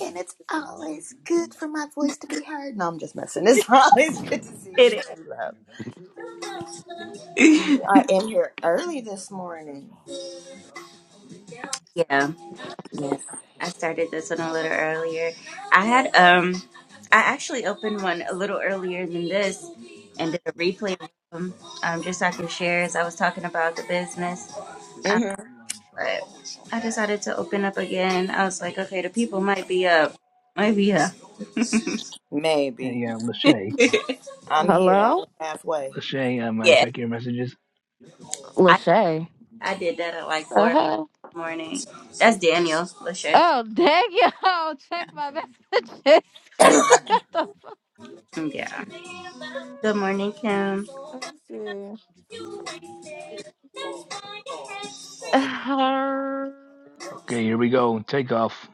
[SPEAKER 10] And it's always good for my voice to be heard. No, I'm just messing. It's always good to see
[SPEAKER 2] It
[SPEAKER 10] you,
[SPEAKER 2] is.
[SPEAKER 10] too, love. I am here early this morning.
[SPEAKER 2] Yeah. Yeah. I started this one a little earlier. I had, um, I actually opened one a little earlier than this and did a replay of them. um, just so I can share as I was talking about the business. Um,
[SPEAKER 10] hmm
[SPEAKER 2] but I decided to open up again. I was like, okay, the people might be up, might be up.
[SPEAKER 9] Hey,
[SPEAKER 10] Maybe.
[SPEAKER 9] yeah, Lachey.
[SPEAKER 2] yeah,
[SPEAKER 10] I'm here
[SPEAKER 7] Hello?
[SPEAKER 10] only halfway.
[SPEAKER 9] Lachey, I'm uh, check your messages.
[SPEAKER 2] I
[SPEAKER 7] Lachey.
[SPEAKER 2] I did that at like four in
[SPEAKER 7] Uh-huh.
[SPEAKER 2] the morning. That's Daniel Lachey.
[SPEAKER 7] Oh, dang, yo. Check my messages. Got the...
[SPEAKER 2] Yeah. Good morning, Kim.
[SPEAKER 7] Let me see. Her...
[SPEAKER 9] Okay, here we go. Take off.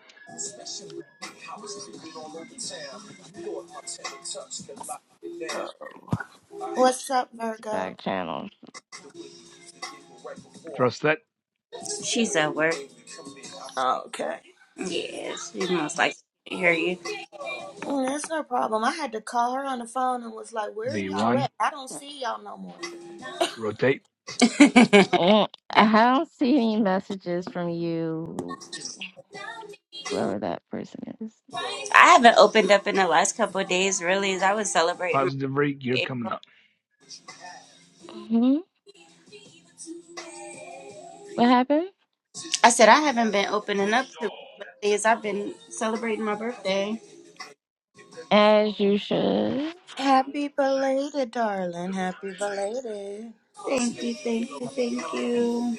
[SPEAKER 10] Oh. What's up, Virgo?
[SPEAKER 7] Back channel.
[SPEAKER 9] Thrust that.
[SPEAKER 2] She's at work.
[SPEAKER 10] Okay.
[SPEAKER 2] Yeah, she most likely can't hear you.
[SPEAKER 10] Mm, That's no problem. I had to call her on the phone and was like, Where are y'all
[SPEAKER 9] V1.
[SPEAKER 10] at? I don't see y'all no more.
[SPEAKER 9] Rotate.
[SPEAKER 7] Mm, I don't see any messages from you, whoever that person is.
[SPEAKER 2] I haven't opened up in the last couple of days. Really, as I was celebrating my
[SPEAKER 9] Positive rate. You're coming
[SPEAKER 2] April.
[SPEAKER 9] up.
[SPEAKER 7] hmm What happened?
[SPEAKER 2] I said I haven't been opening up too much lately. As I've been celebrating my birthday.
[SPEAKER 7] As you should.
[SPEAKER 10] Happy belated, darling. Happy belated.
[SPEAKER 2] Thank you, thank you, thank you.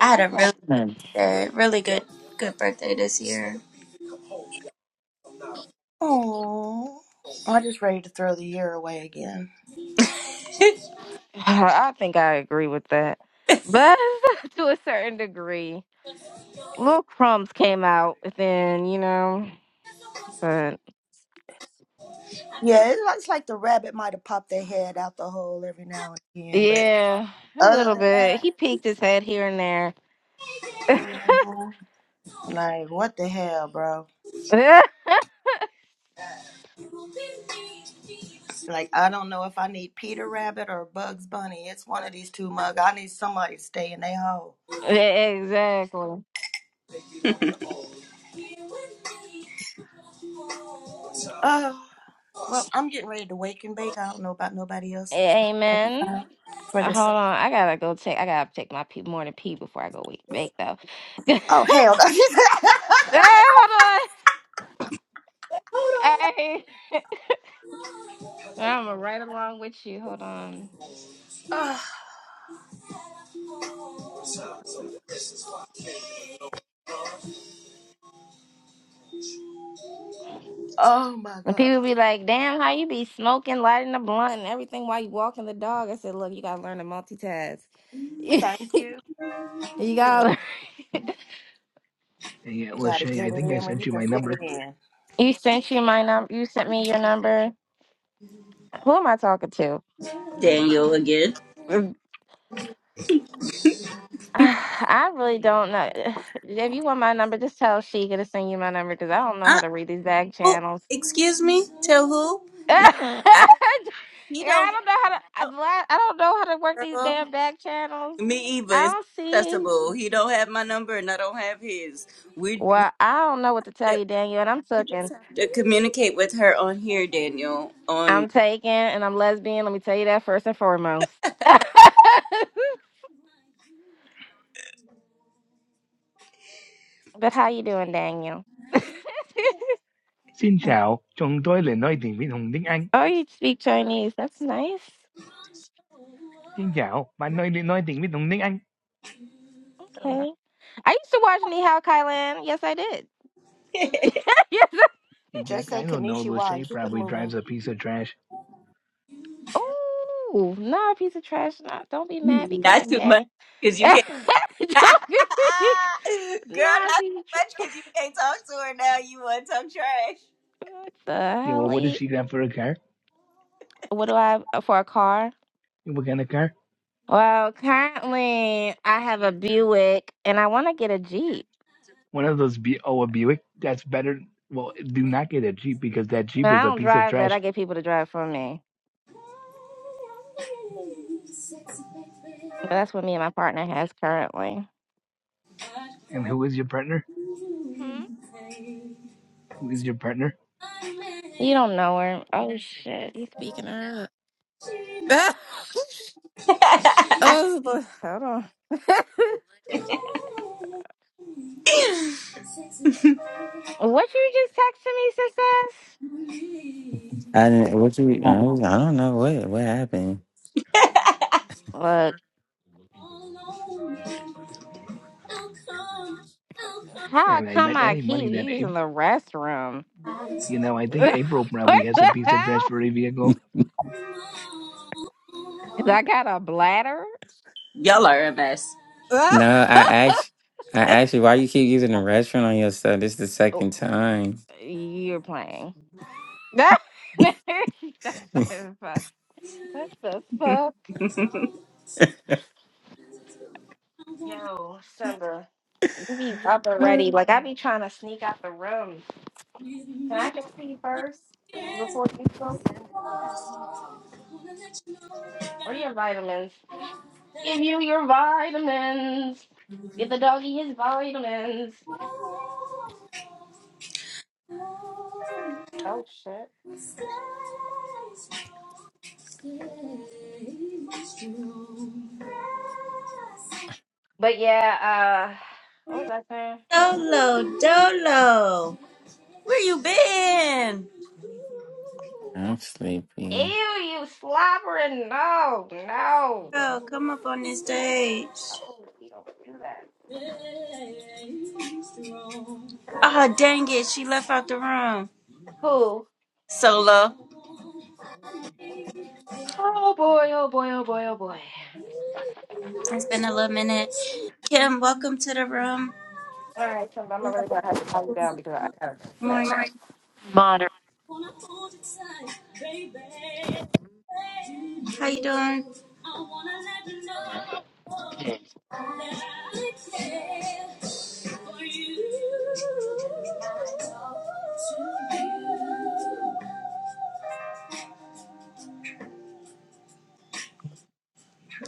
[SPEAKER 2] I had a really
[SPEAKER 7] Happened.
[SPEAKER 2] Uh, really good, good birthday this year.
[SPEAKER 10] Oh, I just ready to throw the year away again.
[SPEAKER 7] I think I agree with that. But to a certain degree, little crumbs came out within, you know. But
[SPEAKER 10] Yeah, it looks like the rabbit might have popped their head out the hole every now and again, but
[SPEAKER 7] yeah, a
[SPEAKER 10] other
[SPEAKER 7] little
[SPEAKER 10] than
[SPEAKER 7] bit.
[SPEAKER 10] that,
[SPEAKER 7] He peeked his head here and there.
[SPEAKER 10] hmm like what the hell, bro? Like I don't know if I need Peter Rabbit or Bugs Bunny. It's one of these two mug. I need somebody to stay in their hole.
[SPEAKER 7] exactly.
[SPEAKER 10] Oh, well, I'm getting ready to wake and bake. I don't know about nobody else for the second
[SPEAKER 7] Amen.
[SPEAKER 10] time. For
[SPEAKER 7] Uh,
[SPEAKER 10] the
[SPEAKER 7] Hold
[SPEAKER 10] second.
[SPEAKER 7] on, I gotta go take. I gotta take my pee, morning pee before I go wake, wake though. hey,
[SPEAKER 10] Oh hell.
[SPEAKER 7] hold on. Hey, I'm right along with you. Hold on.
[SPEAKER 10] Oh, oh my
[SPEAKER 7] And
[SPEAKER 10] God.
[SPEAKER 7] people be like, "Damn, how you be smoking, lighting a blunt, and everything while you walking the dog?" I said, "Look, you gotta learn to multitask. you
[SPEAKER 10] Thank you. Sure.
[SPEAKER 7] gotta.
[SPEAKER 9] Hey, yeah,
[SPEAKER 10] You got to
[SPEAKER 9] Lachey, I
[SPEAKER 10] get it
[SPEAKER 9] think I
[SPEAKER 10] in when
[SPEAKER 9] sent
[SPEAKER 10] you
[SPEAKER 9] you
[SPEAKER 10] can
[SPEAKER 9] my
[SPEAKER 10] fit it
[SPEAKER 9] number.
[SPEAKER 10] in.
[SPEAKER 7] You sent you my number. You sent me your number. Who am I talking to?
[SPEAKER 2] Daniel again.
[SPEAKER 7] Um, I really don't know. If you want my number, just tell she going to send you my number because I don't know how
[SPEAKER 2] Uh,
[SPEAKER 7] to read these back
[SPEAKER 2] oh,
[SPEAKER 7] channels.
[SPEAKER 2] excuse me. Tell who? No,
[SPEAKER 7] yeah,
[SPEAKER 2] I, he
[SPEAKER 7] I
[SPEAKER 2] don't.
[SPEAKER 7] don't know how to. I, well, I I don't know how to work these
[SPEAKER 2] Girl,
[SPEAKER 7] damn back channels.
[SPEAKER 2] me either.
[SPEAKER 7] I
[SPEAKER 2] It's
[SPEAKER 7] don't see.
[SPEAKER 2] accessible. He don't have my number, and I don't have his. We, we
[SPEAKER 7] Well, I don't know what to tell
[SPEAKER 2] just-
[SPEAKER 7] you, Daniel. And I'm
[SPEAKER 2] you just
[SPEAKER 7] taking.
[SPEAKER 2] have to communicate with her on here, Daniel. On
[SPEAKER 7] I'm taking, and I'm lesbian. Let me tell you that first and foremost. but how you doing, Daniel?
[SPEAKER 9] Xin chào. Chúng tôi là nói tiếng Việt Hồng Tiếng Anh.
[SPEAKER 7] oh, you speak Chinese. That's nice.
[SPEAKER 9] Xin chào. Bạn nói nói tiếng Việt Hồng Tiếng Anh.
[SPEAKER 7] Okay. I used to watch Nihao Kailan. Yes, I did. yes.
[SPEAKER 9] In fact,
[SPEAKER 10] Just say
[SPEAKER 9] I don't know.
[SPEAKER 10] Kanishiwa and
[SPEAKER 9] Lachey
[SPEAKER 10] keep it
[SPEAKER 9] probably drives
[SPEAKER 10] moving.
[SPEAKER 9] a piece of trash.
[SPEAKER 7] Oh, no, piece of trash. Not, don't be mad because
[SPEAKER 2] not
[SPEAKER 7] I'm
[SPEAKER 2] too much
[SPEAKER 7] gay.
[SPEAKER 2] because you
[SPEAKER 7] Don't
[SPEAKER 2] can't.
[SPEAKER 7] be,
[SPEAKER 2] Girl,
[SPEAKER 7] not
[SPEAKER 2] not
[SPEAKER 7] be
[SPEAKER 2] too
[SPEAKER 7] tr-
[SPEAKER 2] much because you can't talk to her now. You want to talk
[SPEAKER 7] what the
[SPEAKER 9] Yeah, well,
[SPEAKER 7] hell?
[SPEAKER 9] what does
[SPEAKER 7] E?
[SPEAKER 9] she got for a car?
[SPEAKER 7] What do I uh, for a car?
[SPEAKER 9] Yeah, What kind of car?
[SPEAKER 7] Well, currently I have a Buick and I want to get a Jeep.
[SPEAKER 9] One of those B- oh, a Buick. That's better. Well, do not get a Jeep because that
[SPEAKER 7] And
[SPEAKER 9] Jeep is
[SPEAKER 7] I
[SPEAKER 9] a
[SPEAKER 7] don't
[SPEAKER 9] piece of
[SPEAKER 7] drive that.
[SPEAKER 9] trash.
[SPEAKER 7] I get people to drive for me. But that's what me and my partner has currently.
[SPEAKER 9] And who is your partner?
[SPEAKER 7] Hmm?
[SPEAKER 9] who is your partner,
[SPEAKER 7] You don't know her. Oh shit! You speaking her up?
[SPEAKER 2] trash.
[SPEAKER 7] oh, Lord, hold on. what you just texted me, success?
[SPEAKER 8] I didn't. What you? I don't I don't know what what happened.
[SPEAKER 7] Look, how
[SPEAKER 9] and I
[SPEAKER 7] come
[SPEAKER 9] bet
[SPEAKER 7] I
[SPEAKER 9] any money
[SPEAKER 7] keep
[SPEAKER 9] that
[SPEAKER 7] using
[SPEAKER 9] April,
[SPEAKER 7] the restroom?
[SPEAKER 9] you know, I think
[SPEAKER 7] what
[SPEAKER 9] April probably has a
[SPEAKER 7] the
[SPEAKER 9] piece of trash
[SPEAKER 7] hell?
[SPEAKER 9] for a vehicle.
[SPEAKER 7] 'Cause I got a bladder.
[SPEAKER 2] Y'all are a mess.
[SPEAKER 8] No, I asked. I asked you why you keep using the restroom on your stuff. This is the
[SPEAKER 7] Oh,
[SPEAKER 8] second time.
[SPEAKER 7] you're playing. That's so funny. What the fuck? Yo, Simba, we be up and ready. Like, I be
[SPEAKER 8] I'm
[SPEAKER 7] trying to sneak out the room. Can I just see first before you go? Or your vitamins. Give you your vitamins. Give the doggy his vitamins. Oh, shit. But yeah, uh, what was I saying?
[SPEAKER 2] Dolo. Where you been?
[SPEAKER 7] Ew,
[SPEAKER 8] sleepy.
[SPEAKER 7] you slobbering. No, no.
[SPEAKER 2] Girl, come up on this stage.
[SPEAKER 7] Oh, we don't do that.
[SPEAKER 2] Oh, dang it. She left out the room.
[SPEAKER 7] Who?
[SPEAKER 2] Solo.
[SPEAKER 7] Oh boy, oh boy, oh boy, oh boy.
[SPEAKER 2] It's been a little minute. Kim, welcome to the room.
[SPEAKER 7] All right, Simba, I'm not really gonna have to calm you down because I gotta do that
[SPEAKER 2] Morning.
[SPEAKER 7] stuff. Moderate.
[SPEAKER 2] How you doing?
[SPEAKER 7] Here,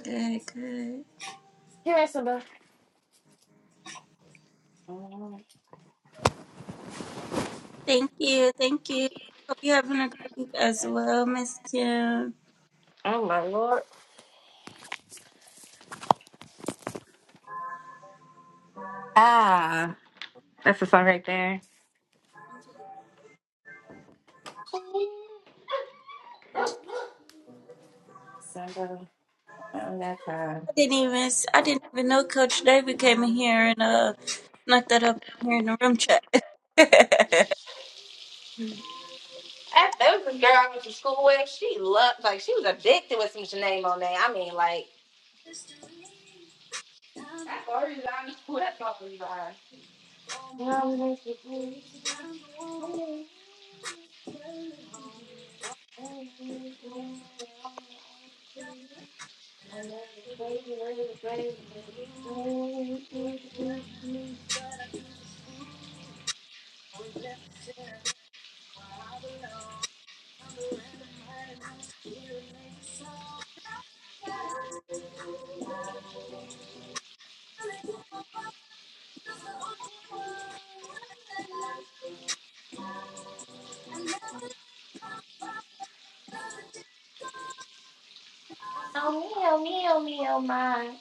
[SPEAKER 2] Good, good.
[SPEAKER 7] Simba. Oh
[SPEAKER 2] Thank you. Thank you. Hope you're having a great week as well, Miss Kim.
[SPEAKER 7] my lord. Ah, that's the song right there. Simba, on that time.
[SPEAKER 2] I didn't even I didn't even know Coach David came in here and uh knocked that up here in the room chat.
[SPEAKER 7] That, that was a girl I went to school with. She loved, like, she was addicted with some Janae Monae. I mean, like, that's the only reason I knew who that fuck was by. Oh, meow, meow, meow, my.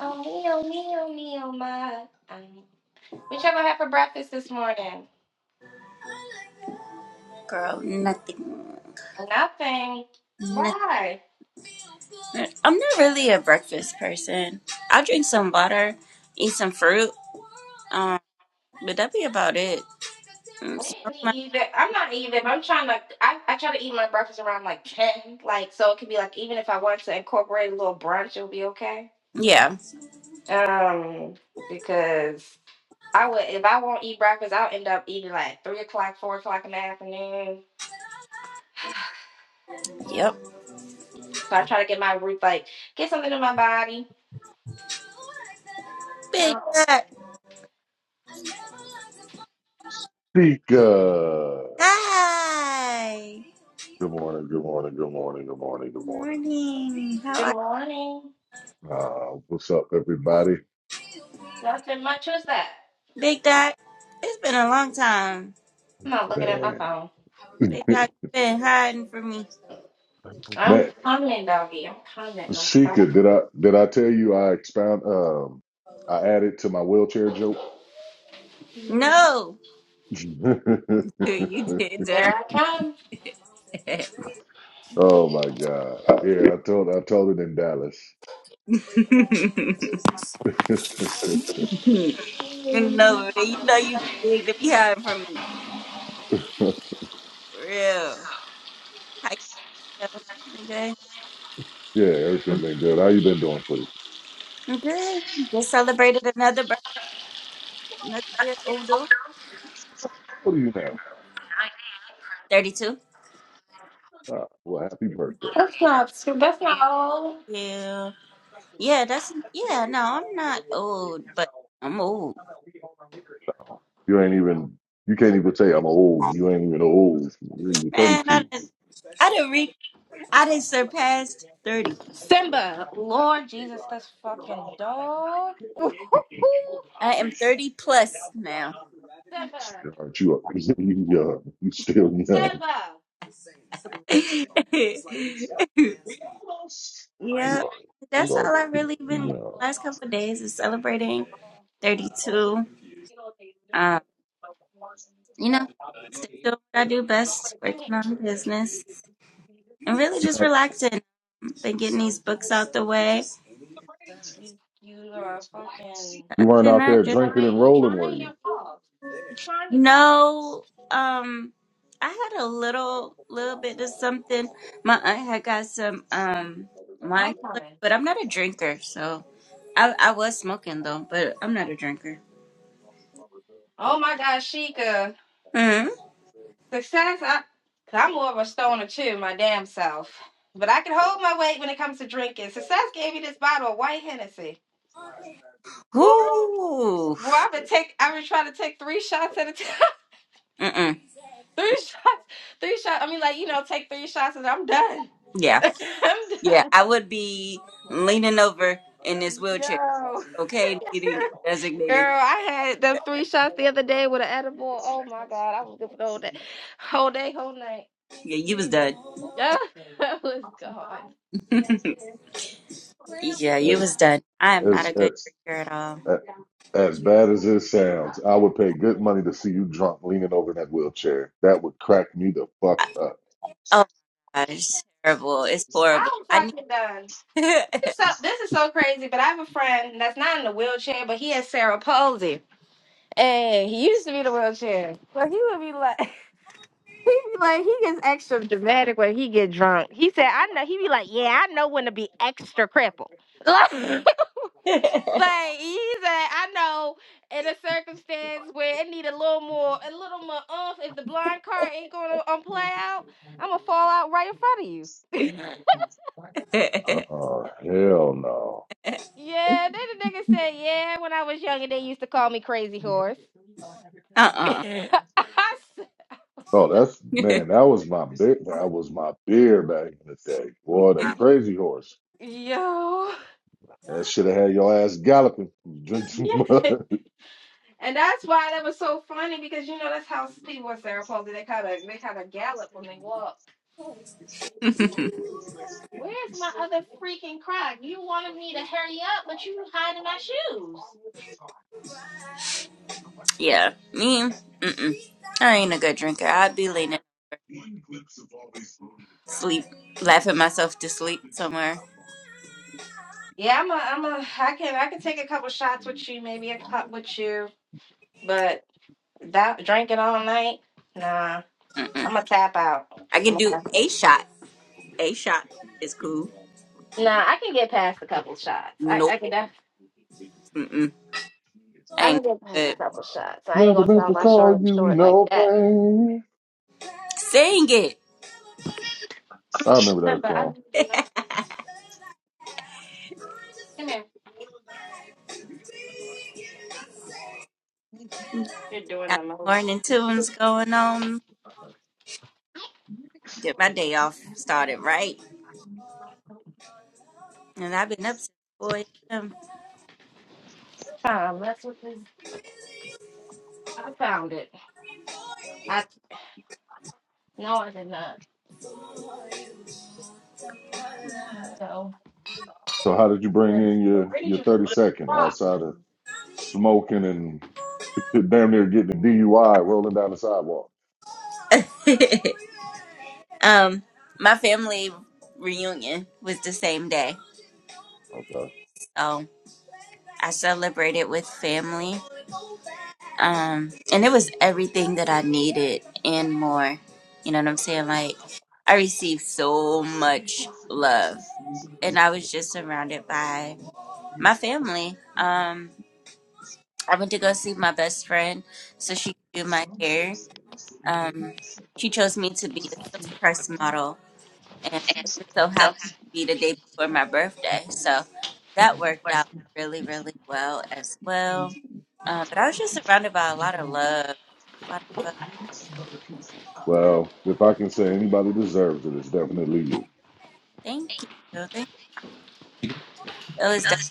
[SPEAKER 7] Oh, meow, meow, meow, my. Um, What y'all gonna have for breakfast this morning?
[SPEAKER 2] Girl, nothing.
[SPEAKER 7] Nothing. Why?
[SPEAKER 2] I'm not really a breakfast person. I'll drink some water, eat some fruit, um, but that'd be about it. Mm,
[SPEAKER 7] I
[SPEAKER 2] smoke
[SPEAKER 7] didn't
[SPEAKER 2] my-
[SPEAKER 7] eat either. I'm not either, but I'm trying to. I, I try to eat my breakfast around like ten, like so it could be like even if I want to incorporate a little brunch, it'll be okay.
[SPEAKER 2] yeah.
[SPEAKER 7] Um, because I would if I won't eat breakfast, I'll end up eating like three o'clock, four o'clock in the afternoon.
[SPEAKER 2] Yep.
[SPEAKER 7] so I try to get my root like get something in my body.
[SPEAKER 2] Big
[SPEAKER 7] Oh,
[SPEAKER 2] Dot.
[SPEAKER 11] Tika.
[SPEAKER 2] Hi.
[SPEAKER 11] Good morning, good morning, good morning, good morning,
[SPEAKER 2] Good
[SPEAKER 11] good morning.
[SPEAKER 2] morning. How are
[SPEAKER 7] good
[SPEAKER 2] you?
[SPEAKER 7] morning.
[SPEAKER 11] Uh, what's up, everybody?
[SPEAKER 7] Nothing much. Who's that?
[SPEAKER 2] Big Dot? It's been a long time.
[SPEAKER 7] I'm not looking at my
[SPEAKER 11] Man,
[SPEAKER 7] phone.
[SPEAKER 2] Big Dot, you been hiding from me.
[SPEAKER 7] I'm
[SPEAKER 11] man,
[SPEAKER 7] coming, doggy. I'm coming. I'm coming.
[SPEAKER 11] Sheikah, did I did I tell you I expound? Um, I added to my wheelchair joke.
[SPEAKER 2] No. You did do
[SPEAKER 7] Here I come.
[SPEAKER 2] that.
[SPEAKER 11] oh my God! Yeah, I told I told it in Dallas.
[SPEAKER 2] No,
[SPEAKER 7] That's
[SPEAKER 2] you know you too big to be hiding from me.
[SPEAKER 11] yeah,
[SPEAKER 2] For real. How you feel?
[SPEAKER 11] everything been good. How you been doing, sweetie?
[SPEAKER 2] Okay, Just celebrated another birthday, another year older.
[SPEAKER 11] How old are you now?
[SPEAKER 2] 32.
[SPEAKER 11] Uh, well, happy birthday!
[SPEAKER 7] not too. That's not all.
[SPEAKER 2] Yeah. Yeah, that's, yeah, no, I'm not old, but I'm old.
[SPEAKER 11] You ain't even you can't even say I'm old. You ain't even old. You're
[SPEAKER 2] Man,
[SPEAKER 11] 32.
[SPEAKER 2] I didn't, I didn't re, I didn't surpass 30.
[SPEAKER 7] Simba, Lord Jesus, this fucking dog.
[SPEAKER 2] I am 30 plus now.
[SPEAKER 7] Simba,
[SPEAKER 11] Sweetheart, you are you young. You still young.
[SPEAKER 7] Simba,
[SPEAKER 11] You are.
[SPEAKER 2] yeah.
[SPEAKER 11] You
[SPEAKER 2] That's
[SPEAKER 11] are
[SPEAKER 2] all I've
[SPEAKER 11] still
[SPEAKER 2] really been doing
[SPEAKER 11] young.
[SPEAKER 2] the last couple of days is celebrating 32. Um, you know, still doing what I do best,
[SPEAKER 7] come here.
[SPEAKER 2] working on business, and really just relaxing. been getting these books out the way.
[SPEAKER 7] You, you are fucking
[SPEAKER 2] Other
[SPEAKER 11] You weren't
[SPEAKER 2] than
[SPEAKER 11] out
[SPEAKER 2] that,
[SPEAKER 11] there
[SPEAKER 2] just
[SPEAKER 11] drinking
[SPEAKER 7] trying.
[SPEAKER 11] and
[SPEAKER 7] You
[SPEAKER 11] rolling, were
[SPEAKER 7] trying
[SPEAKER 11] you?
[SPEAKER 7] your paw. You trying your paw.
[SPEAKER 2] no. Um, I had a little, little bit of something. My aunt had got some um wine,
[SPEAKER 7] I'm coming.
[SPEAKER 2] but I'm not a drinker, so I I was smoking though, but I'm not a drinker.
[SPEAKER 7] Oh my God, Sheikah.
[SPEAKER 2] Mm.
[SPEAKER 7] Success, I, cause I'm more of a stoner too, my damn self. But I can hold my weight when it comes to drinking. Success gave me this bottle of white Hennessy. Woo!
[SPEAKER 2] Ooh.
[SPEAKER 7] Well, I've been take, I've been trying to take three shots at a time.
[SPEAKER 2] Mm-mm.
[SPEAKER 7] three shots, three shots. I mean, like you know, take three shots and I'm done.
[SPEAKER 2] Yeah,
[SPEAKER 7] I'm
[SPEAKER 2] yeah.
[SPEAKER 7] done.
[SPEAKER 2] I would be leaning over in this wheelchair.
[SPEAKER 7] Yo,
[SPEAKER 2] Okay, needing a designated.
[SPEAKER 7] girl, I had them three shots the other day with an edible. Oh my god, I was good for the whole day, whole day, whole night.
[SPEAKER 2] Yeah, you was done.
[SPEAKER 7] Yeah, I was gone.
[SPEAKER 2] yeah, you was
[SPEAKER 11] As
[SPEAKER 2] done. I am not
[SPEAKER 11] as
[SPEAKER 2] a good
[SPEAKER 11] as
[SPEAKER 2] drinker at all.
[SPEAKER 11] as, as bad
[SPEAKER 7] Where
[SPEAKER 11] as it
[SPEAKER 7] is these
[SPEAKER 11] sounds,
[SPEAKER 7] cups?
[SPEAKER 11] I would pay good money to see you drunk, leaning over in that wheelchair. That would crack me the fuck
[SPEAKER 2] I-
[SPEAKER 11] up.
[SPEAKER 2] Oh my gosh, it's terrible. It's horrible.
[SPEAKER 7] I am
[SPEAKER 2] I need
[SPEAKER 7] fucking done. This is so this is so crazy, but I have a friend that's not in the wheelchair, but he has cerebral palsy. And he used to be in the wheelchair. But he would be like he be like he gets extra dramatic when he get drunk. He said, I know he be like, Yeah, I know when to be extra crippled. like he said, I know in a circumstance where it need a little more a little more oomph if the blind car ain't gonna um play out, I'm gonna fall out right in front of you.
[SPEAKER 11] Oh hell no.
[SPEAKER 7] Yeah, then the nigga said, yeah, when I was younger, they used to call me Crazy Horse.
[SPEAKER 2] uh-uh.
[SPEAKER 7] I said, "What
[SPEAKER 11] Oh, that's man. That was my beer. That was my beer back in the day. Boy, that
[SPEAKER 7] the-
[SPEAKER 11] crazy horse.
[SPEAKER 7] yo.
[SPEAKER 11] That should have had your ass galloping. Drink too
[SPEAKER 7] Yeah.
[SPEAKER 11] much.
[SPEAKER 7] And that's why that was so funny because, you know, that's how people are Sarah Posey. They kind of they kind of gallop when they walk. Where's my other freaking crock? You wanted me to hurry up, but you hiding my shoes.
[SPEAKER 2] yeah, me, mm-mm. I ain't a good drinker. I'd be leaning to sleep, laughing myself to sleep somewhere.
[SPEAKER 7] Yeah, I'm a, I'm a, I can, I can take a couple shots with you, maybe a cup with you, but that drinking all night, nah.
[SPEAKER 2] Mm-mm.
[SPEAKER 7] I'm gonna tap out.
[SPEAKER 2] I
[SPEAKER 7] I'm
[SPEAKER 2] could
[SPEAKER 7] gonna-
[SPEAKER 2] do
[SPEAKER 7] tap-
[SPEAKER 2] a shot. A shot is cool.
[SPEAKER 7] Nah, I can get past a couple shots. I,
[SPEAKER 2] Nope.
[SPEAKER 7] I can def-
[SPEAKER 2] Mm-mm. I
[SPEAKER 7] I
[SPEAKER 2] ain't
[SPEAKER 7] can get past a
[SPEAKER 2] good.
[SPEAKER 7] couple shots. I ain't
[SPEAKER 11] Never
[SPEAKER 7] gonna
[SPEAKER 11] meant
[SPEAKER 7] sell
[SPEAKER 11] to
[SPEAKER 7] my
[SPEAKER 11] call
[SPEAKER 7] short
[SPEAKER 11] you
[SPEAKER 7] short like
[SPEAKER 11] no
[SPEAKER 7] that.
[SPEAKER 11] pain.
[SPEAKER 2] Sing it.
[SPEAKER 11] I remember that
[SPEAKER 7] But I'm
[SPEAKER 11] song.
[SPEAKER 7] you know, come here. You're doing
[SPEAKER 2] Got
[SPEAKER 7] the
[SPEAKER 2] the
[SPEAKER 7] most
[SPEAKER 2] morning tunes going on. Get my day off started right. And I've been up since 4 a.m.
[SPEAKER 7] time. That's what this. I found it. I no, I did not. So
[SPEAKER 11] So how did you bring
[SPEAKER 7] where
[SPEAKER 11] in your
[SPEAKER 7] where did
[SPEAKER 11] your
[SPEAKER 7] you put
[SPEAKER 11] thirty
[SPEAKER 7] my
[SPEAKER 11] second
[SPEAKER 7] rock?
[SPEAKER 11] outside of smoking and damn near getting a DUI rolling down the sidewalk?
[SPEAKER 2] Um, my family reunion was the same day,
[SPEAKER 11] Okay.
[SPEAKER 2] so I celebrated with family. Um, and it was everything that I needed and more. You know what I'm saying? Like, I received so much love, and I was just surrounded by my family. Um, I went to go see my best friend so she could do my hair. Um, she chose me to be a silk press model and it
[SPEAKER 7] It's
[SPEAKER 2] just so happened
[SPEAKER 7] so
[SPEAKER 2] to be the day before my birthday. So that
[SPEAKER 11] Mhm.
[SPEAKER 2] worked out really, really well as well. Um, but I was just surrounded by a lot of love, a lot of love.
[SPEAKER 11] Well, if I can say anybody deserves it, it's definitely you.
[SPEAKER 2] Thank
[SPEAKER 7] happy.
[SPEAKER 2] you, thank you. It was definitely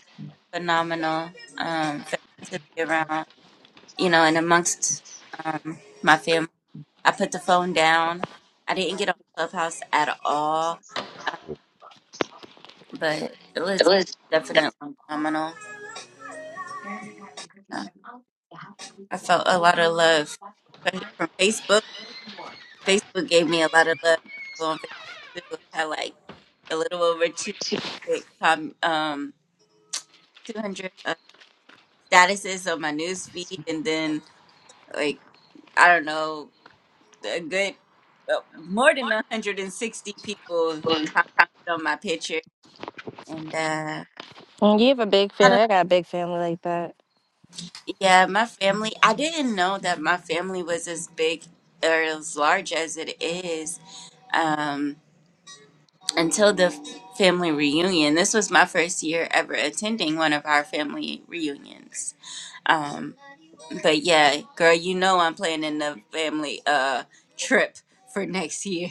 [SPEAKER 2] phenomenal um, feeling to be around, you know, and amongst um, my family. I put the phone down. I didn't get on Clubhouse at all, but it
[SPEAKER 7] It
[SPEAKER 2] was
[SPEAKER 7] was.
[SPEAKER 2] definitely
[SPEAKER 7] That's
[SPEAKER 2] phenomenal. Uh, I felt a lot of love from from Facebook Facebook gave me a lot of love on Facebook too. I had like a little over 200 com- um 200 uh, statuses on my news feed and then like I don't know a good well, more than
[SPEAKER 7] what
[SPEAKER 2] 160 people
[SPEAKER 7] we're doing.
[SPEAKER 2] commented on my picture and uh
[SPEAKER 7] Mm, You have a big
[SPEAKER 2] a lot
[SPEAKER 7] family.
[SPEAKER 2] of,
[SPEAKER 7] I got a big family like that.
[SPEAKER 2] yeah, my family. I didn't know that my family was as big or as large as it is. Um, until the f- family reunion. This was my first year ever attending one of our family reunions. Um, but yeah, girl, you know I'm planning the family uh trip for next year.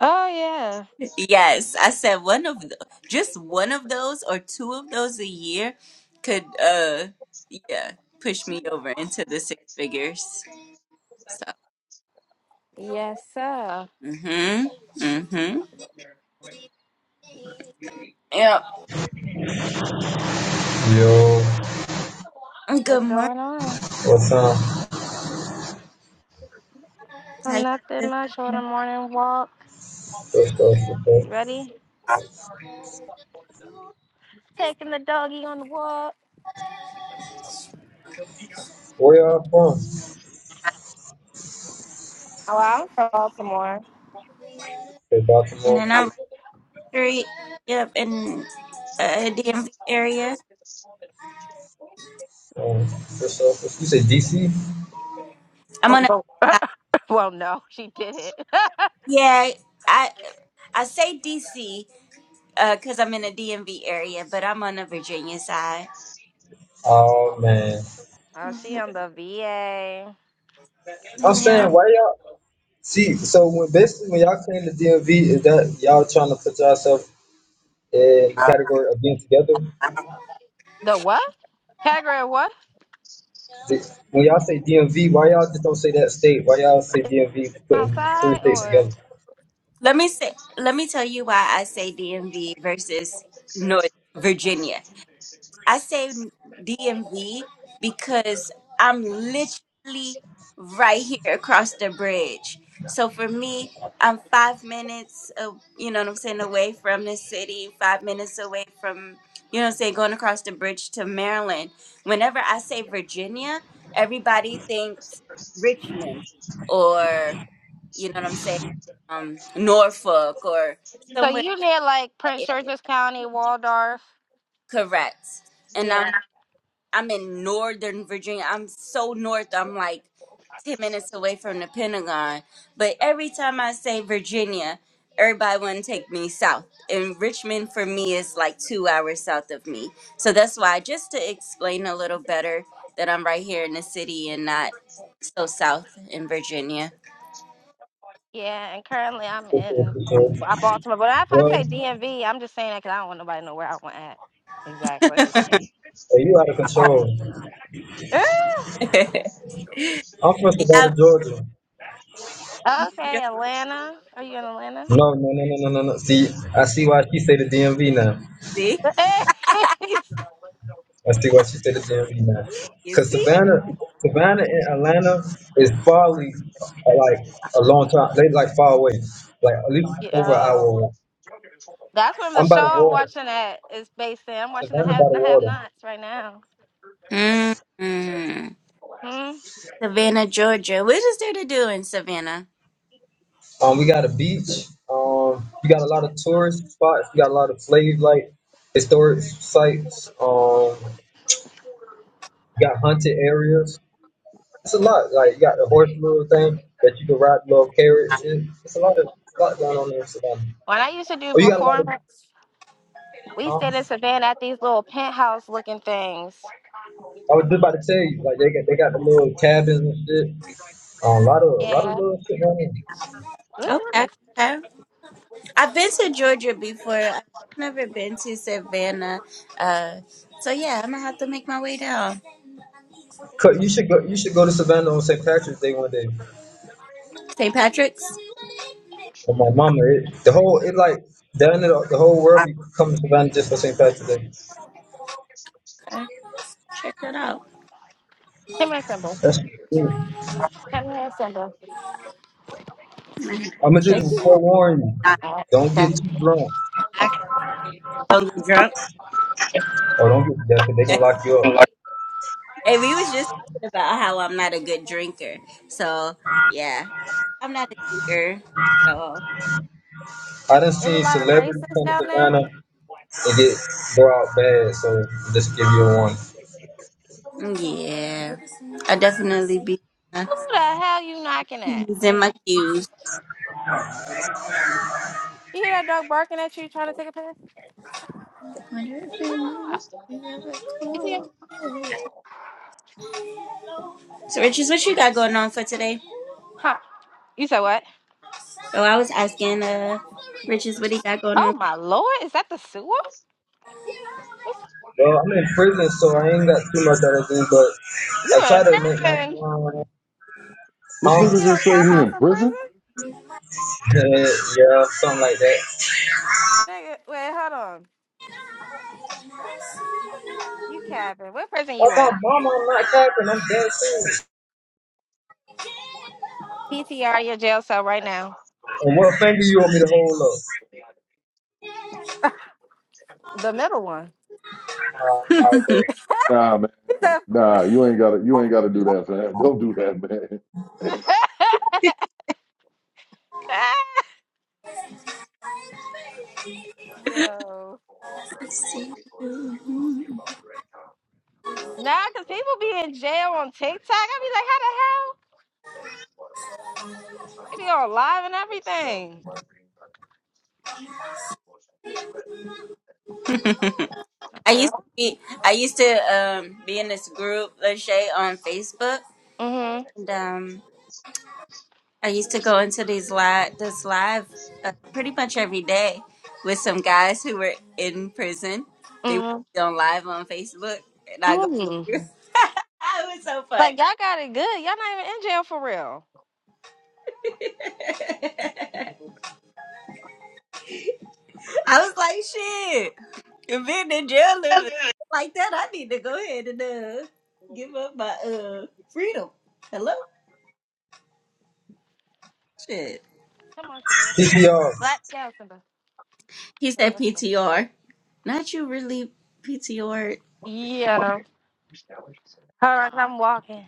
[SPEAKER 7] Oh yeah.
[SPEAKER 2] yes, I said one of the, just one of those or two of those a year could uh yeah push me over into the six figures. So
[SPEAKER 7] Yes, sir.
[SPEAKER 2] mhm mhm yep.
[SPEAKER 12] Yo,
[SPEAKER 2] Good
[SPEAKER 7] What's
[SPEAKER 2] morning.
[SPEAKER 7] going on?
[SPEAKER 12] what's up?
[SPEAKER 2] How
[SPEAKER 7] I'm nothing
[SPEAKER 2] you
[SPEAKER 7] much. On a
[SPEAKER 2] doing?
[SPEAKER 7] morning walk.
[SPEAKER 12] What's up? What's up?
[SPEAKER 7] You ready? Taking the doggy on the walk.
[SPEAKER 12] Where y'all from?
[SPEAKER 7] Oh, I'm from Baltimore.
[SPEAKER 12] Hey,
[SPEAKER 2] And
[SPEAKER 12] Baltimore.
[SPEAKER 2] then I Street. Yep, in uh, DMV area.
[SPEAKER 12] Um, what's up? What's, you say DC?
[SPEAKER 2] I'm
[SPEAKER 7] Oh,
[SPEAKER 2] on
[SPEAKER 7] but-
[SPEAKER 2] the
[SPEAKER 7] well, no, she didn't.
[SPEAKER 2] yeah. I I say DC because I'm in a DMV area, but I'm on the Virginia side.
[SPEAKER 12] Oh man,
[SPEAKER 7] oh, she on the VA.
[SPEAKER 12] I'm saying why y'all see? So when basically when y'all claim the DMV, is that y'all trying to put yourself in the category of being together?
[SPEAKER 7] The what? Category what?
[SPEAKER 12] The- When y'all say DMV, why y'all just don't say that state? Why y'all say DMV putting three
[SPEAKER 7] Outside
[SPEAKER 12] states together?
[SPEAKER 7] or?
[SPEAKER 2] Let me say. Let me tell you why I say DMV versus North Virginia. I say DMV because I'm literally right here across the bridge. So for me, I'm five minutes, of, you know what I'm saying, away from the city, five minutes away from, you know what I'm saying, going across the bridge to Maryland. Whenever I say Virginia, everybody thinks Richmond or, you know what I'm saying, um, Norfolk or
[SPEAKER 7] So
[SPEAKER 2] somewhere
[SPEAKER 7] you near like Prince George's County, Waldorf?
[SPEAKER 2] incorrect. And I'm
[SPEAKER 7] Yeah,
[SPEAKER 2] I'm in Northern Virginia. I'm so north. I'm like 10 minutes away from the Pentagon. But every time I say Virginia, everybody want to take me south. And Richmond for me is like two hours south of me. So that's why, just to explain a little better, that I'm right here in the city and not so south in Virginia.
[SPEAKER 7] yeah. And currently I'm
[SPEAKER 12] Well,
[SPEAKER 7] in Ba- Baltimore. But if I
[SPEAKER 12] oh,
[SPEAKER 7] say DMV, I'm just saying that because I don't want nobody to know where I want at. Exactly.
[SPEAKER 12] you out of control.
[SPEAKER 2] yeah,
[SPEAKER 12] I'm from Savannah, Georgia.
[SPEAKER 2] you
[SPEAKER 7] Okay,
[SPEAKER 2] just
[SPEAKER 7] Atlanta. Are you in Atlanta?
[SPEAKER 12] No, no, no, no, no, no, no. See, I see why she say the DMV now.
[SPEAKER 2] see,
[SPEAKER 12] I see why she say the DMV now.
[SPEAKER 2] You
[SPEAKER 12] Cause
[SPEAKER 2] see?
[SPEAKER 12] Savannah, Savannah and Atlanta is probably uh, like a long time. They like far away, like at least
[SPEAKER 7] yeah,
[SPEAKER 12] over an hour.
[SPEAKER 7] oh,
[SPEAKER 12] away.
[SPEAKER 7] that's where the
[SPEAKER 12] I'm by the
[SPEAKER 7] show I'm
[SPEAKER 12] water.
[SPEAKER 7] watching at is based in. I'm watching the
[SPEAKER 12] Savannah by
[SPEAKER 7] Haves
[SPEAKER 12] the
[SPEAKER 7] and the Have
[SPEAKER 12] water.
[SPEAKER 7] Nots right now.
[SPEAKER 2] Mm-hmm.
[SPEAKER 7] Hmm.
[SPEAKER 2] Savannah, Georgia. What is there to do in Savannah?
[SPEAKER 12] Um, we got a beach. Um, you got a lot of tourist spots. You got a lot of slave like historic sites. Um, you got haunted areas. It's a lot. Like you got the horse little thing that you can ride, little carriage, shit. It's a lot of it's a lot going on there in Savannah.
[SPEAKER 7] When I used to do
[SPEAKER 12] Oh, you got a lot of.
[SPEAKER 7] performance, we stayed in
[SPEAKER 12] Huh?
[SPEAKER 7] Savannah at these little penthouse looking things.
[SPEAKER 12] I was just about to tell you, like they got they got the little cabins and shit. Um, a lot of a lot
[SPEAKER 7] Yeah.
[SPEAKER 12] of little shit going on.
[SPEAKER 7] This nice.
[SPEAKER 2] Okay. I've been to Georgia before. I've never been to Savannah. Uh, so yeah, I'm gonna have to make my way down.
[SPEAKER 12] Cut- You should go. You should go to Savannah on St. Patrick's Day one day.
[SPEAKER 2] St. Patrick's.
[SPEAKER 12] With my mama, it, the whole it like down there, the whole world be coming to Savannah just for St. Patrick's Day.
[SPEAKER 2] Check it out.
[SPEAKER 7] Come here, Simba.
[SPEAKER 12] That's cool.
[SPEAKER 7] Come here, Simba.
[SPEAKER 2] I'm gonna
[SPEAKER 12] I'm
[SPEAKER 2] have
[SPEAKER 12] gonna
[SPEAKER 2] to check
[SPEAKER 12] just
[SPEAKER 2] it out.
[SPEAKER 12] forewarn you.
[SPEAKER 2] Not
[SPEAKER 7] Oh,
[SPEAKER 12] Don't
[SPEAKER 7] okay.
[SPEAKER 12] get too drunk.
[SPEAKER 2] totally drunk.
[SPEAKER 12] Or don't get that. Cause they gonna lock you up.
[SPEAKER 2] and we was just talking about how I'm not a good drinker. So yeah, I'm not a drinker. So
[SPEAKER 12] I done
[SPEAKER 7] Is a
[SPEAKER 12] seen
[SPEAKER 7] lot of
[SPEAKER 12] celebrities
[SPEAKER 7] racists
[SPEAKER 12] come to
[SPEAKER 7] down there? Who
[SPEAKER 12] Savannah and get brought out bad, so just give you one.
[SPEAKER 2] yeah, I'll definitely be uh,
[SPEAKER 7] the hell you knocking at?
[SPEAKER 2] P's
[SPEAKER 7] I
[SPEAKER 2] and my
[SPEAKER 7] mean,
[SPEAKER 2] Q's.
[SPEAKER 7] you hear that dog barking at you trying to take a piss? You see him?
[SPEAKER 2] So Riches, what you got going on for today?
[SPEAKER 7] Huh. You said what?
[SPEAKER 2] Oh, I was asking uh Riches what he got going
[SPEAKER 7] Oh my lord, is that the sewer? What's,
[SPEAKER 12] Well, I'm in prison, so I ain't got too much other thing, but
[SPEAKER 7] you
[SPEAKER 12] I
[SPEAKER 7] in
[SPEAKER 12] try to make
[SPEAKER 7] prison?
[SPEAKER 12] my um,
[SPEAKER 11] This
[SPEAKER 7] You
[SPEAKER 12] huh?
[SPEAKER 7] can
[SPEAKER 11] nigga
[SPEAKER 7] get on
[SPEAKER 11] just say he
[SPEAKER 7] Clubhouse
[SPEAKER 11] in
[SPEAKER 7] in prison?
[SPEAKER 11] prison?
[SPEAKER 12] Yeah, yeah, something like that.
[SPEAKER 7] Nigga, wait, hold on. You capping. What prison
[SPEAKER 12] Oh
[SPEAKER 7] you
[SPEAKER 12] my
[SPEAKER 7] in?
[SPEAKER 12] mama, I'm not capping, I'm dead serious.
[SPEAKER 7] PTR your jail cell right now.
[SPEAKER 12] And what finger you want me to hold
[SPEAKER 7] The middle one.
[SPEAKER 12] up? Uh,
[SPEAKER 2] on.
[SPEAKER 12] okay.
[SPEAKER 11] Nah, man. Nah, you ain't gotta you ain't gotta do that, man. Don't do that, man.
[SPEAKER 7] He said, Yo. nah, cause people be in jail on TikTok. I be like, how the hell? They be on live and everything.
[SPEAKER 2] I used to be I used to um be in this group Lachey on Facebook
[SPEAKER 7] Mhm,
[SPEAKER 2] and um I used to go into these live this live uh, pretty much every day with some guys who were in prison. They would
[SPEAKER 7] mhm,
[SPEAKER 2] be on live on Facebook and I go
[SPEAKER 7] mhm.
[SPEAKER 2] it was so fun.
[SPEAKER 7] Like y'all got it good. Y'all not even in jail for real.
[SPEAKER 2] I was like shit. If being in jail living like that, I need to go ahead and uh give up my uh freedom. Hello? Shit.
[SPEAKER 7] Come on, Simba. Let's go.
[SPEAKER 12] PPR,
[SPEAKER 7] Let down, Simba.
[SPEAKER 2] He said PTR. Not you really PTR,
[SPEAKER 7] Yeah. Hold on, I'm walking.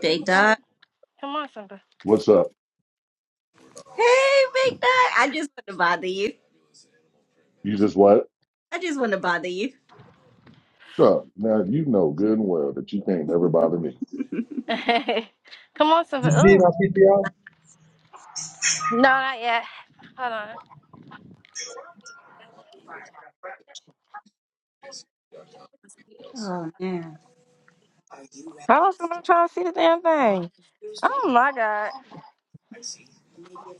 [SPEAKER 2] Big
[SPEAKER 7] Come
[SPEAKER 2] Dog.
[SPEAKER 7] on, Simba.
[SPEAKER 11] What's up?
[SPEAKER 2] Hey, Big Dog. I just want to bother you.
[SPEAKER 11] You just what?
[SPEAKER 2] I just want to bother you.
[SPEAKER 11] What's Up. Now you know good and well that you can't ever bother me.
[SPEAKER 7] Come on, Simba.
[SPEAKER 12] you see
[SPEAKER 7] Ooh.
[SPEAKER 12] my PPR?
[SPEAKER 7] No, not yet. Hold on.
[SPEAKER 2] Mm.
[SPEAKER 7] Hold on, Simba. I'm trying to see the damn thing. Oh my god.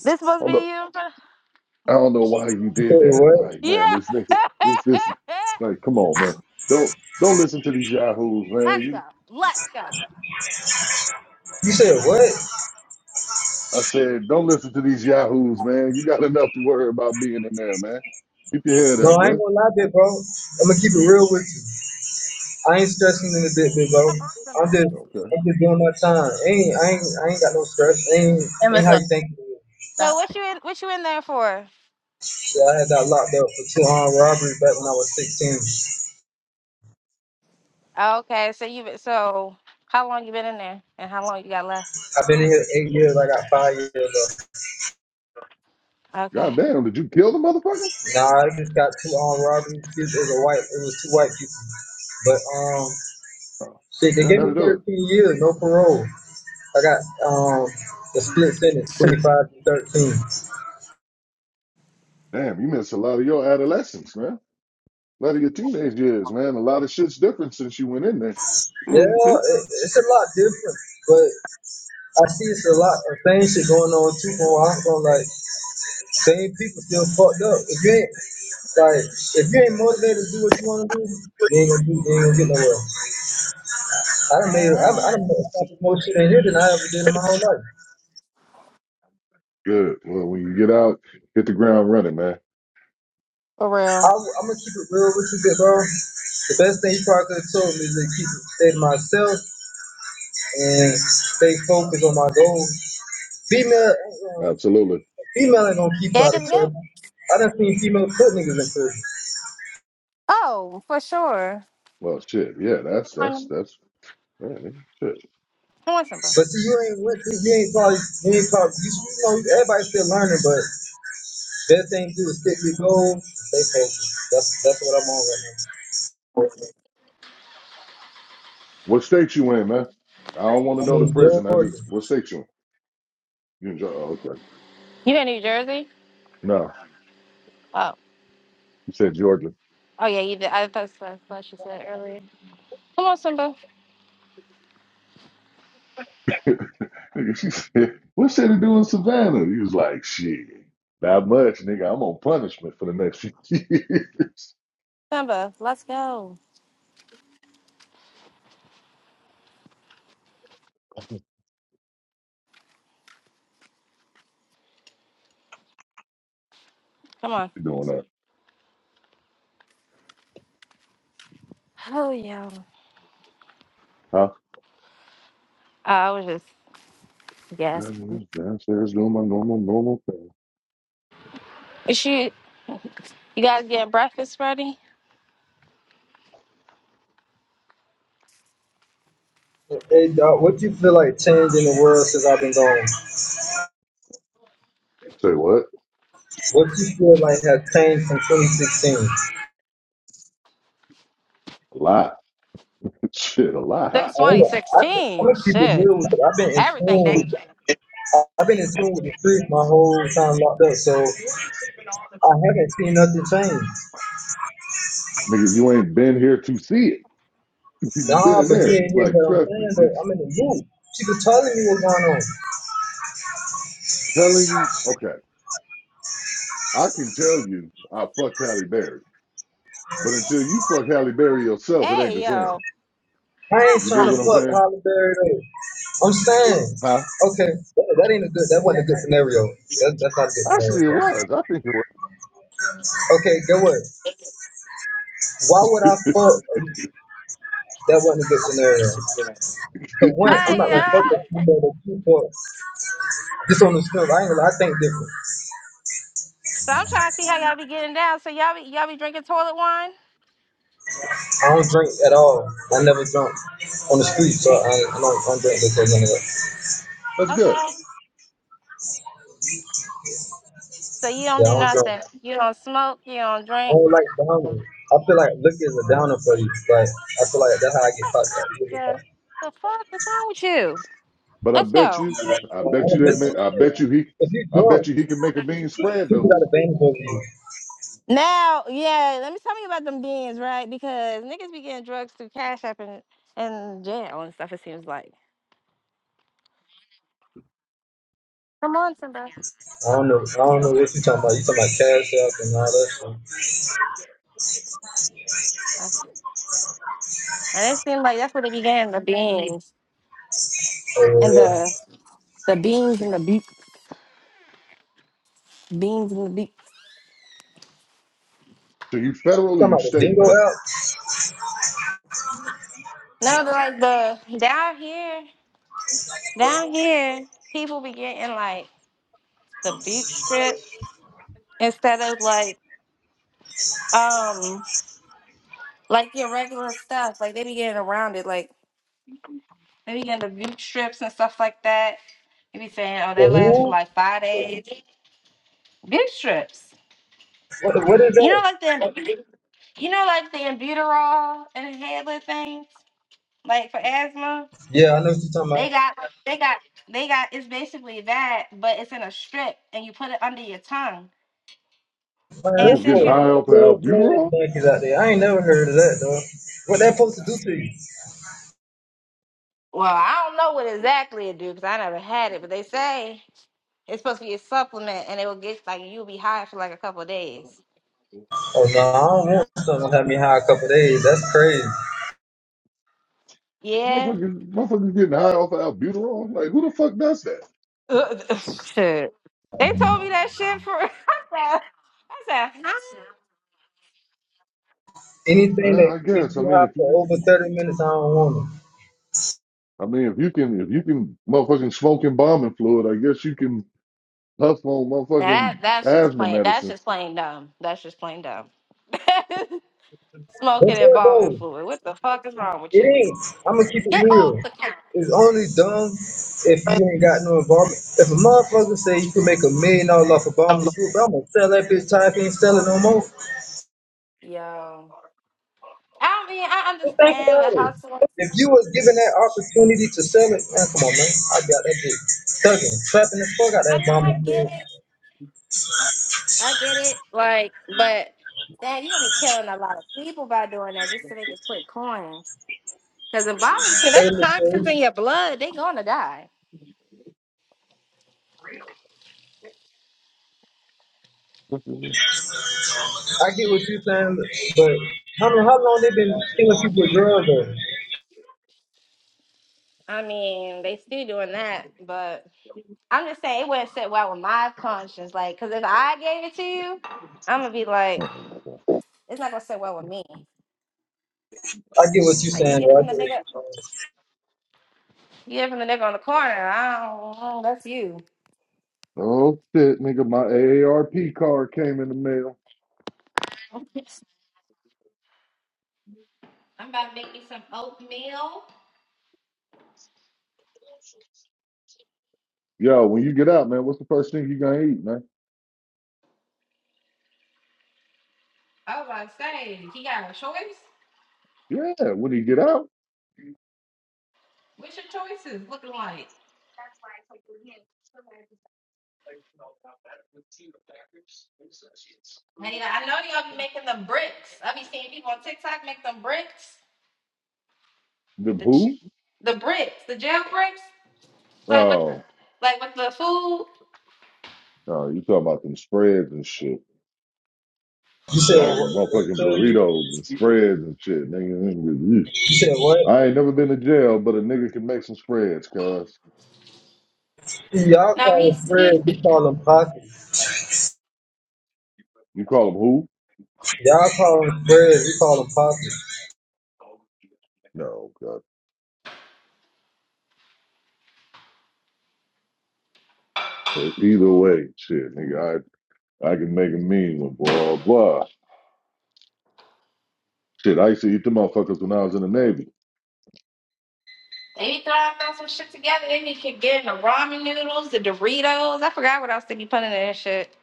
[SPEAKER 7] This must be
[SPEAKER 11] Hold
[SPEAKER 7] you.
[SPEAKER 11] I don't know why you
[SPEAKER 12] You
[SPEAKER 11] did
[SPEAKER 12] said
[SPEAKER 11] that.
[SPEAKER 12] what?
[SPEAKER 11] Like, man, this
[SPEAKER 7] Yeah.
[SPEAKER 11] nigga, this, this, like, come on, man. Don't, don't listen to these yahoos, man.
[SPEAKER 7] Let's go.
[SPEAKER 11] You,
[SPEAKER 7] Let's go.
[SPEAKER 12] You said what?
[SPEAKER 11] I said, don't listen to these yahoos, man. You got enough to worry about being in there, man. Keep your head
[SPEAKER 12] No,
[SPEAKER 11] up,
[SPEAKER 12] I ain't
[SPEAKER 11] bro.
[SPEAKER 12] gonna lie, big bro. I'm gonna keep it real with you. I ain't stressing in the bit, big bro.
[SPEAKER 7] Come on,
[SPEAKER 12] I'm
[SPEAKER 7] Simba.
[SPEAKER 12] just,
[SPEAKER 11] Okay.
[SPEAKER 12] I'm just doing my time. Ain't, I ain't, I ain't got no stress. Ain't, ain't how you think. it is.
[SPEAKER 7] So what you in what you in there for?
[SPEAKER 12] Yeah, I had got locked up for two armed robberies back when I was 16.
[SPEAKER 7] Oh, Okay, so you been so how long you been in there and how long you got left?
[SPEAKER 12] I've been in here eight years. I got five years left.
[SPEAKER 7] Okay.
[SPEAKER 11] God damn, did you kill the motherfucker?
[SPEAKER 12] Nah, I just got two armed robberies. It was a white, it was two white people. But um,
[SPEAKER 11] Oh,
[SPEAKER 12] shit, they
[SPEAKER 11] man,
[SPEAKER 12] gave me
[SPEAKER 11] that'll do it.
[SPEAKER 12] 13 years, no parole. I got um the split sentence, 25 to 13.
[SPEAKER 11] Damn, you missed a lot of your adolescence, man. A lot of your teenage years, man. A lot of shit's different since you went in there.
[SPEAKER 12] Yeah,
[SPEAKER 2] Amazon.
[SPEAKER 12] it, it's a lot different, but. I see it's a lot of same shit going on too, bro. I'm from like same people still fucked up. If you ain't like, if you ain't motivated to do what you want to do, you ain't gonna do, you ain't gonna get nowhere. I done made, I,
[SPEAKER 7] Uh,
[SPEAKER 12] I done made accomplished more shit in here than I ever did in my whole life.
[SPEAKER 11] Good. Well, when you get out, hit the ground running, man.
[SPEAKER 7] For
[SPEAKER 12] I,
[SPEAKER 7] real.
[SPEAKER 12] am gonna keep it real with you, big bro. The best thing you probably could have told me is to keep it, stay to myself and stay focused on my goals. Female, ain't gonna-
[SPEAKER 11] Absolutely.
[SPEAKER 12] female ain't gonna keep you
[SPEAKER 7] Yeah,
[SPEAKER 12] out of
[SPEAKER 7] 'cause- yeah.
[SPEAKER 12] trouble. I done seen female put niggas in prison.
[SPEAKER 7] Oh, for sure.
[SPEAKER 11] Well, shit. Yeah, that's
[SPEAKER 7] Come
[SPEAKER 11] that's
[SPEAKER 7] on,
[SPEAKER 11] that's Man, nigga, shit.
[SPEAKER 7] come on, Simba.
[SPEAKER 12] But see, you ain't went through, you ain't probably, you ain't probably, you, you know, everybody's still learning, but best thing to do is stick with goals, stay focused. That's that's what I'm on right now.
[SPEAKER 11] What state you in, man? I don't want to
[SPEAKER 12] I'm
[SPEAKER 11] know the
[SPEAKER 12] in
[SPEAKER 11] prison. I
[SPEAKER 12] Georgia.
[SPEAKER 11] just what state you in? You in Georgia? Oh, okay.
[SPEAKER 7] You in New Jersey?
[SPEAKER 11] No,
[SPEAKER 7] Oh,
[SPEAKER 11] you said Georgia.
[SPEAKER 7] oh yeah, you did. I thought that's what you said earlier. Come on, Simba.
[SPEAKER 11] Nigga, she said, "What should he do in Savannah?" He was like, "Shit, not much, nigga. I'm on punishment for the next few years."
[SPEAKER 7] Simba, let's go. Come on.
[SPEAKER 11] You doing that,
[SPEAKER 7] Oh yeah.
[SPEAKER 11] huh?
[SPEAKER 7] I was just yes.
[SPEAKER 11] I'm just downstairs doing my normal, normal thing.
[SPEAKER 7] Is she? You guys getting breakfast ready?
[SPEAKER 12] Hey, dog, what you feel like changed in the world since I've been gone?
[SPEAKER 11] Say what?
[SPEAKER 12] What you feel like has changed from 2016?
[SPEAKER 11] A lot. Shit, a lot.
[SPEAKER 12] I
[SPEAKER 7] Since
[SPEAKER 12] don't know. I think
[SPEAKER 7] 2016.
[SPEAKER 12] some people
[SPEAKER 7] Shit.
[SPEAKER 12] knew. I've been in
[SPEAKER 7] Everything that.
[SPEAKER 12] tune. I- I've been in tune with the streets my whole time locked up, so I haven't seen nothing change.
[SPEAKER 11] Nigga, you ain't been here to see it. you been
[SPEAKER 12] Nah,
[SPEAKER 11] in
[SPEAKER 12] but you
[SPEAKER 11] there.
[SPEAKER 12] ain't hear
[SPEAKER 11] Like,
[SPEAKER 12] what I'm
[SPEAKER 11] trust me,
[SPEAKER 12] saying, though.
[SPEAKER 11] it's
[SPEAKER 12] I'm in the mood. She was telling me what's going on.
[SPEAKER 11] telling you. Okay. I can tell you I fucked Halle Berry, but until you fuck Halle Berry yourself, it ain't the
[SPEAKER 7] Hey
[SPEAKER 11] same.
[SPEAKER 7] yo.
[SPEAKER 12] I ain't
[SPEAKER 11] You
[SPEAKER 12] trying
[SPEAKER 7] Ah.
[SPEAKER 11] dig
[SPEAKER 12] to
[SPEAKER 11] what I'm
[SPEAKER 12] fuck
[SPEAKER 11] saying?
[SPEAKER 12] Holly Berry though. I'm saying,
[SPEAKER 11] Huh?
[SPEAKER 12] okay, that, that ain't a good. That wasn't a good scenario. That, that's not a good scenario.
[SPEAKER 11] Actually, it
[SPEAKER 12] For me.
[SPEAKER 11] was. I think it
[SPEAKER 12] Okay, get what? Why would I fuck? That wasn't a good scenario.
[SPEAKER 11] was.
[SPEAKER 12] Cause one, I'm
[SPEAKER 7] Hey
[SPEAKER 12] not gonna
[SPEAKER 7] yo.
[SPEAKER 12] fuck with you that you fuck. Just on the strip, I ain't gonna. I think different.
[SPEAKER 7] So I'm trying to see how y'all be getting down. So y'all be y'all be drinking toilet wine?
[SPEAKER 12] I don't drink at all. I never drunk on the street, so I, ain't- I don't. I don't drink because of that.
[SPEAKER 11] That's good.
[SPEAKER 7] Okay. So you don't
[SPEAKER 12] Yeah,
[SPEAKER 7] do
[SPEAKER 12] I don't drink.
[SPEAKER 7] nothing.
[SPEAKER 12] I
[SPEAKER 7] You don't smoke. You don't drink.
[SPEAKER 12] don't like downing. I feel like liquor is a downer for you. Like I feel like that's how I get fucked. Like, you get
[SPEAKER 7] Yeah.
[SPEAKER 12] fucked.
[SPEAKER 7] The fuck is wrong with you?
[SPEAKER 11] But I
[SPEAKER 7] Let's
[SPEAKER 11] bet
[SPEAKER 7] go.
[SPEAKER 11] you, I bet
[SPEAKER 12] Uh,
[SPEAKER 11] you
[SPEAKER 12] this
[SPEAKER 11] that.
[SPEAKER 12] is
[SPEAKER 11] ma- I
[SPEAKER 12] shit.
[SPEAKER 11] bet you he,
[SPEAKER 12] If you
[SPEAKER 11] I bet
[SPEAKER 12] drunk,
[SPEAKER 11] you he can make a mean spread
[SPEAKER 12] people
[SPEAKER 11] though.
[SPEAKER 12] got a bang for you.
[SPEAKER 7] Now, yeah, let me tell you about them beans, right? Because niggas be getting drugs through Cash App and, and jail and stuff, it seems like. Come on, Simba.
[SPEAKER 12] I don't know. I don't know what you talking about. You talking about Cash App and all that shit.
[SPEAKER 7] That's- And it seems like that's where they began the beans
[SPEAKER 12] Oh yeah,
[SPEAKER 7] and
[SPEAKER 12] yeah.
[SPEAKER 7] the the beans and the beak, beans and the beak.
[SPEAKER 11] So you
[SPEAKER 12] You
[SPEAKER 11] federal or
[SPEAKER 12] talking
[SPEAKER 11] you
[SPEAKER 12] about the
[SPEAKER 11] state,
[SPEAKER 12] Dingo
[SPEAKER 11] man?
[SPEAKER 12] app?
[SPEAKER 7] No, but
[SPEAKER 11] No.
[SPEAKER 7] like the down here, down here, people be getting like the beef strips instead of like um like your regular stuff. Like they be getting around it. Like Maybe getting the big strips and stuff like that. Maybe saying, oh,
[SPEAKER 12] The
[SPEAKER 7] that lasts for
[SPEAKER 12] who?
[SPEAKER 7] like five days. Big strips.
[SPEAKER 12] What, what is
[SPEAKER 7] You know,
[SPEAKER 12] that?
[SPEAKER 7] like the you know, like the Albuterol and inhaler things, like for asthma.
[SPEAKER 12] Yeah, I know what you talking about.
[SPEAKER 7] They got, they got, they got. It's basically that, but it's in a strip, and you put it under your tongue.
[SPEAKER 12] Man,
[SPEAKER 7] And
[SPEAKER 11] Niggas
[SPEAKER 12] that
[SPEAKER 7] since
[SPEAKER 11] getting
[SPEAKER 7] you,
[SPEAKER 12] folks
[SPEAKER 11] high
[SPEAKER 12] some
[SPEAKER 11] off of
[SPEAKER 12] full fledged
[SPEAKER 11] albuterol?
[SPEAKER 12] monkeys out there. I ain't never heard of that though. What that supposed to do to you?
[SPEAKER 7] well, I don't know what exactly it do because I never had it, but they say it's supposed to be a supplement, and it will get like you'll be high for like a couple of days.
[SPEAKER 12] Oh no, I don't want something to have me high a couple days. That's crazy.
[SPEAKER 7] Yeah,
[SPEAKER 11] Motherfuckers, motherfuckers getting high off of albuterol? Like who the fuck does that?
[SPEAKER 7] Uh, uh, shit. They told me that shit for. I said, I said, huh?
[SPEAKER 12] Anything
[SPEAKER 11] Uh,
[SPEAKER 12] that
[SPEAKER 11] I guess.
[SPEAKER 12] gets
[SPEAKER 11] I
[SPEAKER 12] you
[SPEAKER 11] mean,
[SPEAKER 12] high
[SPEAKER 11] if
[SPEAKER 12] for
[SPEAKER 11] you,
[SPEAKER 12] over thirty minutes, I don't want it.
[SPEAKER 11] I mean, if you can, if you can, motherfucking smoke embalming fluid, I guess you can That's on
[SPEAKER 7] That
[SPEAKER 11] motherfucking
[SPEAKER 7] that's just
[SPEAKER 11] asthma
[SPEAKER 7] plain. That's
[SPEAKER 11] medicine.
[SPEAKER 7] just plain dumb. That's just plain dumb. Smoking
[SPEAKER 12] That's
[SPEAKER 7] and
[SPEAKER 12] what
[SPEAKER 7] bombing
[SPEAKER 12] though.
[SPEAKER 7] fluid. What the fuck is wrong with
[SPEAKER 12] It
[SPEAKER 7] you?
[SPEAKER 12] ain't. I'm gonna keep it
[SPEAKER 7] Get
[SPEAKER 12] real.
[SPEAKER 7] off the couch.
[SPEAKER 12] It's only dumb if you ain't got no involvement. If a motherfucker say you can make a million dollars off Obama soup, I'm gonna sell that bitch time can't sell it no more.
[SPEAKER 7] Yo. I mean, I
[SPEAKER 12] Just think
[SPEAKER 7] understand
[SPEAKER 12] about
[SPEAKER 7] the
[SPEAKER 12] it.
[SPEAKER 7] hustle.
[SPEAKER 12] If you was given that opportunity to sell it, man, come on, man. I'd be out that bitch thugging, slapping the fuck out that
[SPEAKER 7] I mean,
[SPEAKER 12] Obama
[SPEAKER 7] I get
[SPEAKER 12] soup.
[SPEAKER 7] it. I get it. Like, but damn, you're gonna be killing a lot of people by doing that just to make a quick coin. Because in bombing shit,
[SPEAKER 12] Hey,
[SPEAKER 7] that's toxins in
[SPEAKER 12] listen,
[SPEAKER 7] your blood. They gonna die.
[SPEAKER 12] I get what you're saying, but how, how long they been killing people with drugs, though?
[SPEAKER 7] I mean, they still doing that, but I'm just saying it wouldn't sit well with my conscience. Like, cause if I gave it to you, I'm gonna be like,
[SPEAKER 11] oh
[SPEAKER 7] it's not gonna sit well with me.
[SPEAKER 12] I get what you're
[SPEAKER 7] Like, you
[SPEAKER 12] saying,
[SPEAKER 7] get it
[SPEAKER 12] though. I
[SPEAKER 7] from the
[SPEAKER 12] get what
[SPEAKER 7] nigga,
[SPEAKER 12] you're saying.
[SPEAKER 7] you get it from the nigga on the corner. I don't, I don't- that's you.
[SPEAKER 11] oh, shit, nigga, my AARP card came in the mail.
[SPEAKER 7] I'm about to make me some oatmeal.
[SPEAKER 11] Yo, when you get out, man, what's the first thing you gonna eat, man?
[SPEAKER 7] I was about to say, he got a choice.
[SPEAKER 11] Yeah, when you get out,
[SPEAKER 7] What's your choices looking like? Hey, I know y'all be making the bricks. I be seeing people on TikTok make them bricks
[SPEAKER 11] the
[SPEAKER 7] with the
[SPEAKER 11] who?
[SPEAKER 7] ch- the bricks, the jail bricks. Like with
[SPEAKER 11] Oh,
[SPEAKER 7] like with the food.
[SPEAKER 11] oh, you talking about them spreads and shit,
[SPEAKER 12] You said what?
[SPEAKER 11] and
[SPEAKER 12] what you,
[SPEAKER 11] motherfucking
[SPEAKER 12] said?
[SPEAKER 11] burritos and spreads and shit, nigga. nigga,
[SPEAKER 12] you said what?
[SPEAKER 11] I ain't never been to jail, but a nigga can make some spreads, cuz.
[SPEAKER 12] See, y'all
[SPEAKER 7] No,
[SPEAKER 12] call them
[SPEAKER 7] he's he
[SPEAKER 12] spreads, we call them pockets.
[SPEAKER 11] You call them who?
[SPEAKER 12] Y'all call them spreads, we call them pockets.
[SPEAKER 11] No, cuz. But either way, shit, nigga, I I can make a mean one, boy. Blah. Shit, I used to eat the motherfuckers when I was in the Navy.
[SPEAKER 7] he throwing back some shit together. Then he could get in the ramen noodles, the Doritos. I forgot what else did he put in that shit.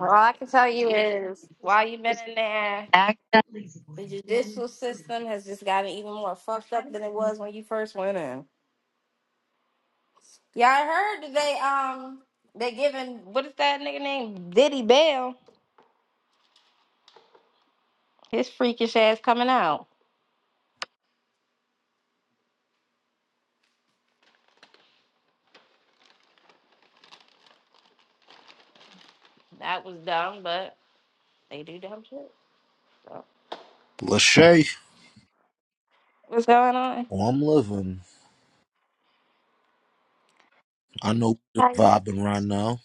[SPEAKER 7] All I can tell you is while you've been in there, the judicial system has just gotten even more fucked up than it was when you first went in. Yeah, I heard that they um they giving what is that nigga named Diddy Bell? His freakish ass coming out. That was dumb, but they do dumb shit. So
[SPEAKER 13] Lachey,
[SPEAKER 7] what's going on?
[SPEAKER 13] oh, I'm living. I know we just
[SPEAKER 7] Hi.
[SPEAKER 13] vibing right now.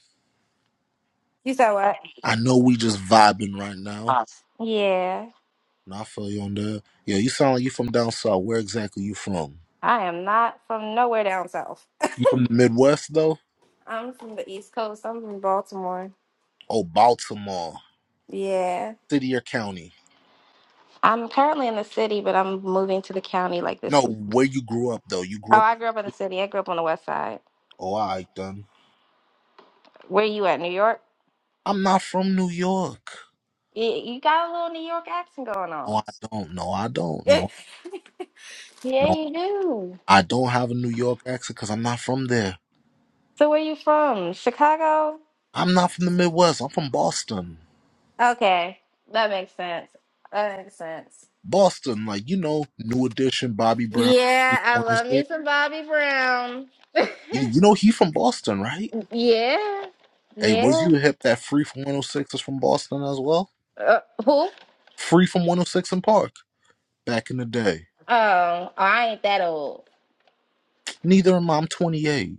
[SPEAKER 7] You said what?
[SPEAKER 13] I know we just vibing right now.
[SPEAKER 7] Us. Yeah.
[SPEAKER 13] And I feel you on that. Yeah, you sound like you from down south. Where exactly you from?
[SPEAKER 7] I am not from nowhere down south.
[SPEAKER 13] You from the Midwest though?
[SPEAKER 7] I'm from the East Coast. I'm from Baltimore.
[SPEAKER 13] Oh, Baltimore,
[SPEAKER 7] Yeah.
[SPEAKER 13] city or county?
[SPEAKER 7] I'm currently in the city, but I'm moving to the county like
[SPEAKER 13] No,
[SPEAKER 7] this week.
[SPEAKER 13] where you grew up though? You
[SPEAKER 7] Oh,
[SPEAKER 13] grew up.
[SPEAKER 7] I
[SPEAKER 13] in
[SPEAKER 7] grew up in
[SPEAKER 13] the
[SPEAKER 7] the
[SPEAKER 13] city?
[SPEAKER 7] city. I grew up on the west side.
[SPEAKER 13] Oh, I then.
[SPEAKER 7] Where you at, New York?
[SPEAKER 13] I'm not from New York.
[SPEAKER 7] Y- You got a little New York accent going
[SPEAKER 13] No,
[SPEAKER 7] on.
[SPEAKER 13] I don't. No, I don't.
[SPEAKER 7] yeah,
[SPEAKER 13] No, no,
[SPEAKER 7] you do.
[SPEAKER 13] I don't have a New York accent because I'm not from there.
[SPEAKER 7] So where you from? Chicago?
[SPEAKER 13] I'm not from the Midwest. I'm from Boston.
[SPEAKER 7] Okay. That makes sense. That makes sense.
[SPEAKER 13] Boston, like you know, New Edition, Bobby Brown, Free
[SPEAKER 7] Yeah, I
[SPEAKER 13] for
[SPEAKER 7] love me
[SPEAKER 13] 106.
[SPEAKER 7] some Bobby Brown.
[SPEAKER 13] You, you know he from Boston, right?
[SPEAKER 7] Yeah,
[SPEAKER 13] Hey, was
[SPEAKER 7] yeah.
[SPEAKER 13] you hip that Free from 106 is from Boston as well?
[SPEAKER 7] Uh, who?
[SPEAKER 13] Free from 106 in Park back in the day.
[SPEAKER 7] Oh, I ain't that old.
[SPEAKER 13] Neither am I. I'm 28.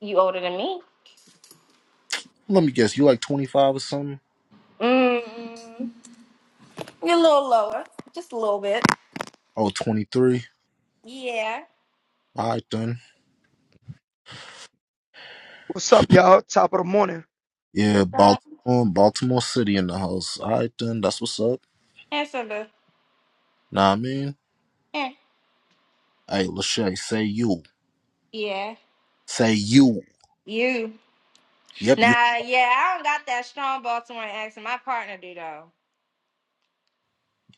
[SPEAKER 7] You older than me?
[SPEAKER 13] Let me guess, you like 25 or something?
[SPEAKER 7] Mm, you're a little lower, just a little bit.
[SPEAKER 13] Oh, 23.
[SPEAKER 7] Yeah.
[SPEAKER 13] All right then.
[SPEAKER 14] What's up, y'all? Top of the morning.
[SPEAKER 13] Yeah,
[SPEAKER 7] What's up?
[SPEAKER 13] Baltimore, Baltimore City in the house. All right then, that's what's up.
[SPEAKER 7] Answer the.
[SPEAKER 13] Nah, I mean,
[SPEAKER 7] eh,
[SPEAKER 13] hey, Lachey, say you,
[SPEAKER 7] Yeah.
[SPEAKER 13] say you.
[SPEAKER 7] You.
[SPEAKER 13] Yep, you.
[SPEAKER 7] Nah, yeah. I don't got that strong Baltimore accent. My partner do though.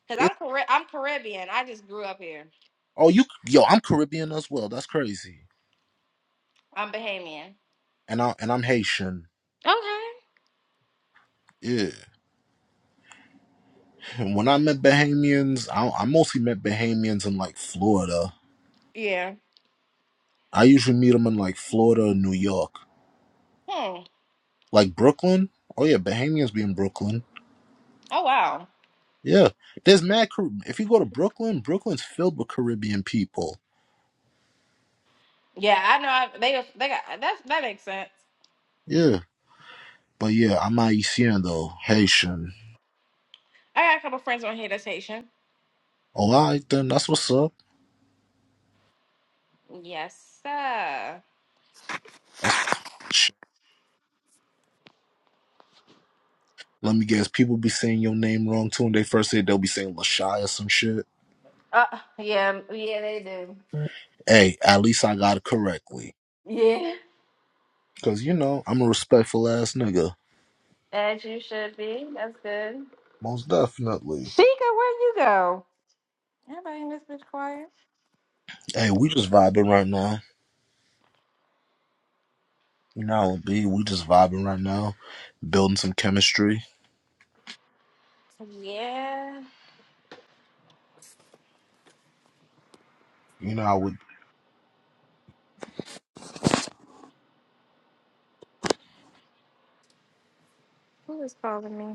[SPEAKER 7] Cause
[SPEAKER 13] It,
[SPEAKER 7] I'm Car- I'm Caribbean. I just grew up here.
[SPEAKER 13] oh, you. Yo, I'm Caribbean as well. That's crazy.
[SPEAKER 7] I'm Bahamian.
[SPEAKER 13] and I and I'm Haitian.
[SPEAKER 7] Okay.
[SPEAKER 13] Yeah. And when I met Bahamians, I, I mostly met Bahamians in like Florida.
[SPEAKER 7] Yeah.
[SPEAKER 13] I usually meet them in like Florida or New York,
[SPEAKER 7] Hmm.
[SPEAKER 13] like Brooklyn. Oh yeah, Bahamians be in Brooklyn.
[SPEAKER 7] Oh wow.
[SPEAKER 13] Yeah, there's mad. Car- If you go to Brooklyn, Brooklyn's filled with Caribbean people.
[SPEAKER 7] Yeah, I know. I, they they got that's that makes sense.
[SPEAKER 13] Yeah, but yeah, I'm Haitian though, Haitian.
[SPEAKER 7] I got a couple friends on here that's Haitian.
[SPEAKER 13] All right, then that's what's up.
[SPEAKER 7] Yes, sir.
[SPEAKER 13] That's shit. Let me guess, people be saying your name wrong too when they first say it, they'll be saying Lashai or some shit.
[SPEAKER 7] Uh, yeah, yeah, they do.
[SPEAKER 13] Hey, at least I got it correctly.
[SPEAKER 7] Yeah,
[SPEAKER 13] Cause you know, I'm a respectful ass nigga.
[SPEAKER 7] as you should be. That's good.
[SPEAKER 13] Most definitely.
[SPEAKER 7] Sheikah, where you go? Everybody in this bitch quiet.
[SPEAKER 13] Hey, we just vibing right now. You know, how it be we just vibing right now, building some chemistry.
[SPEAKER 7] Yeah.
[SPEAKER 13] You know, how it
[SPEAKER 7] Who is calling me?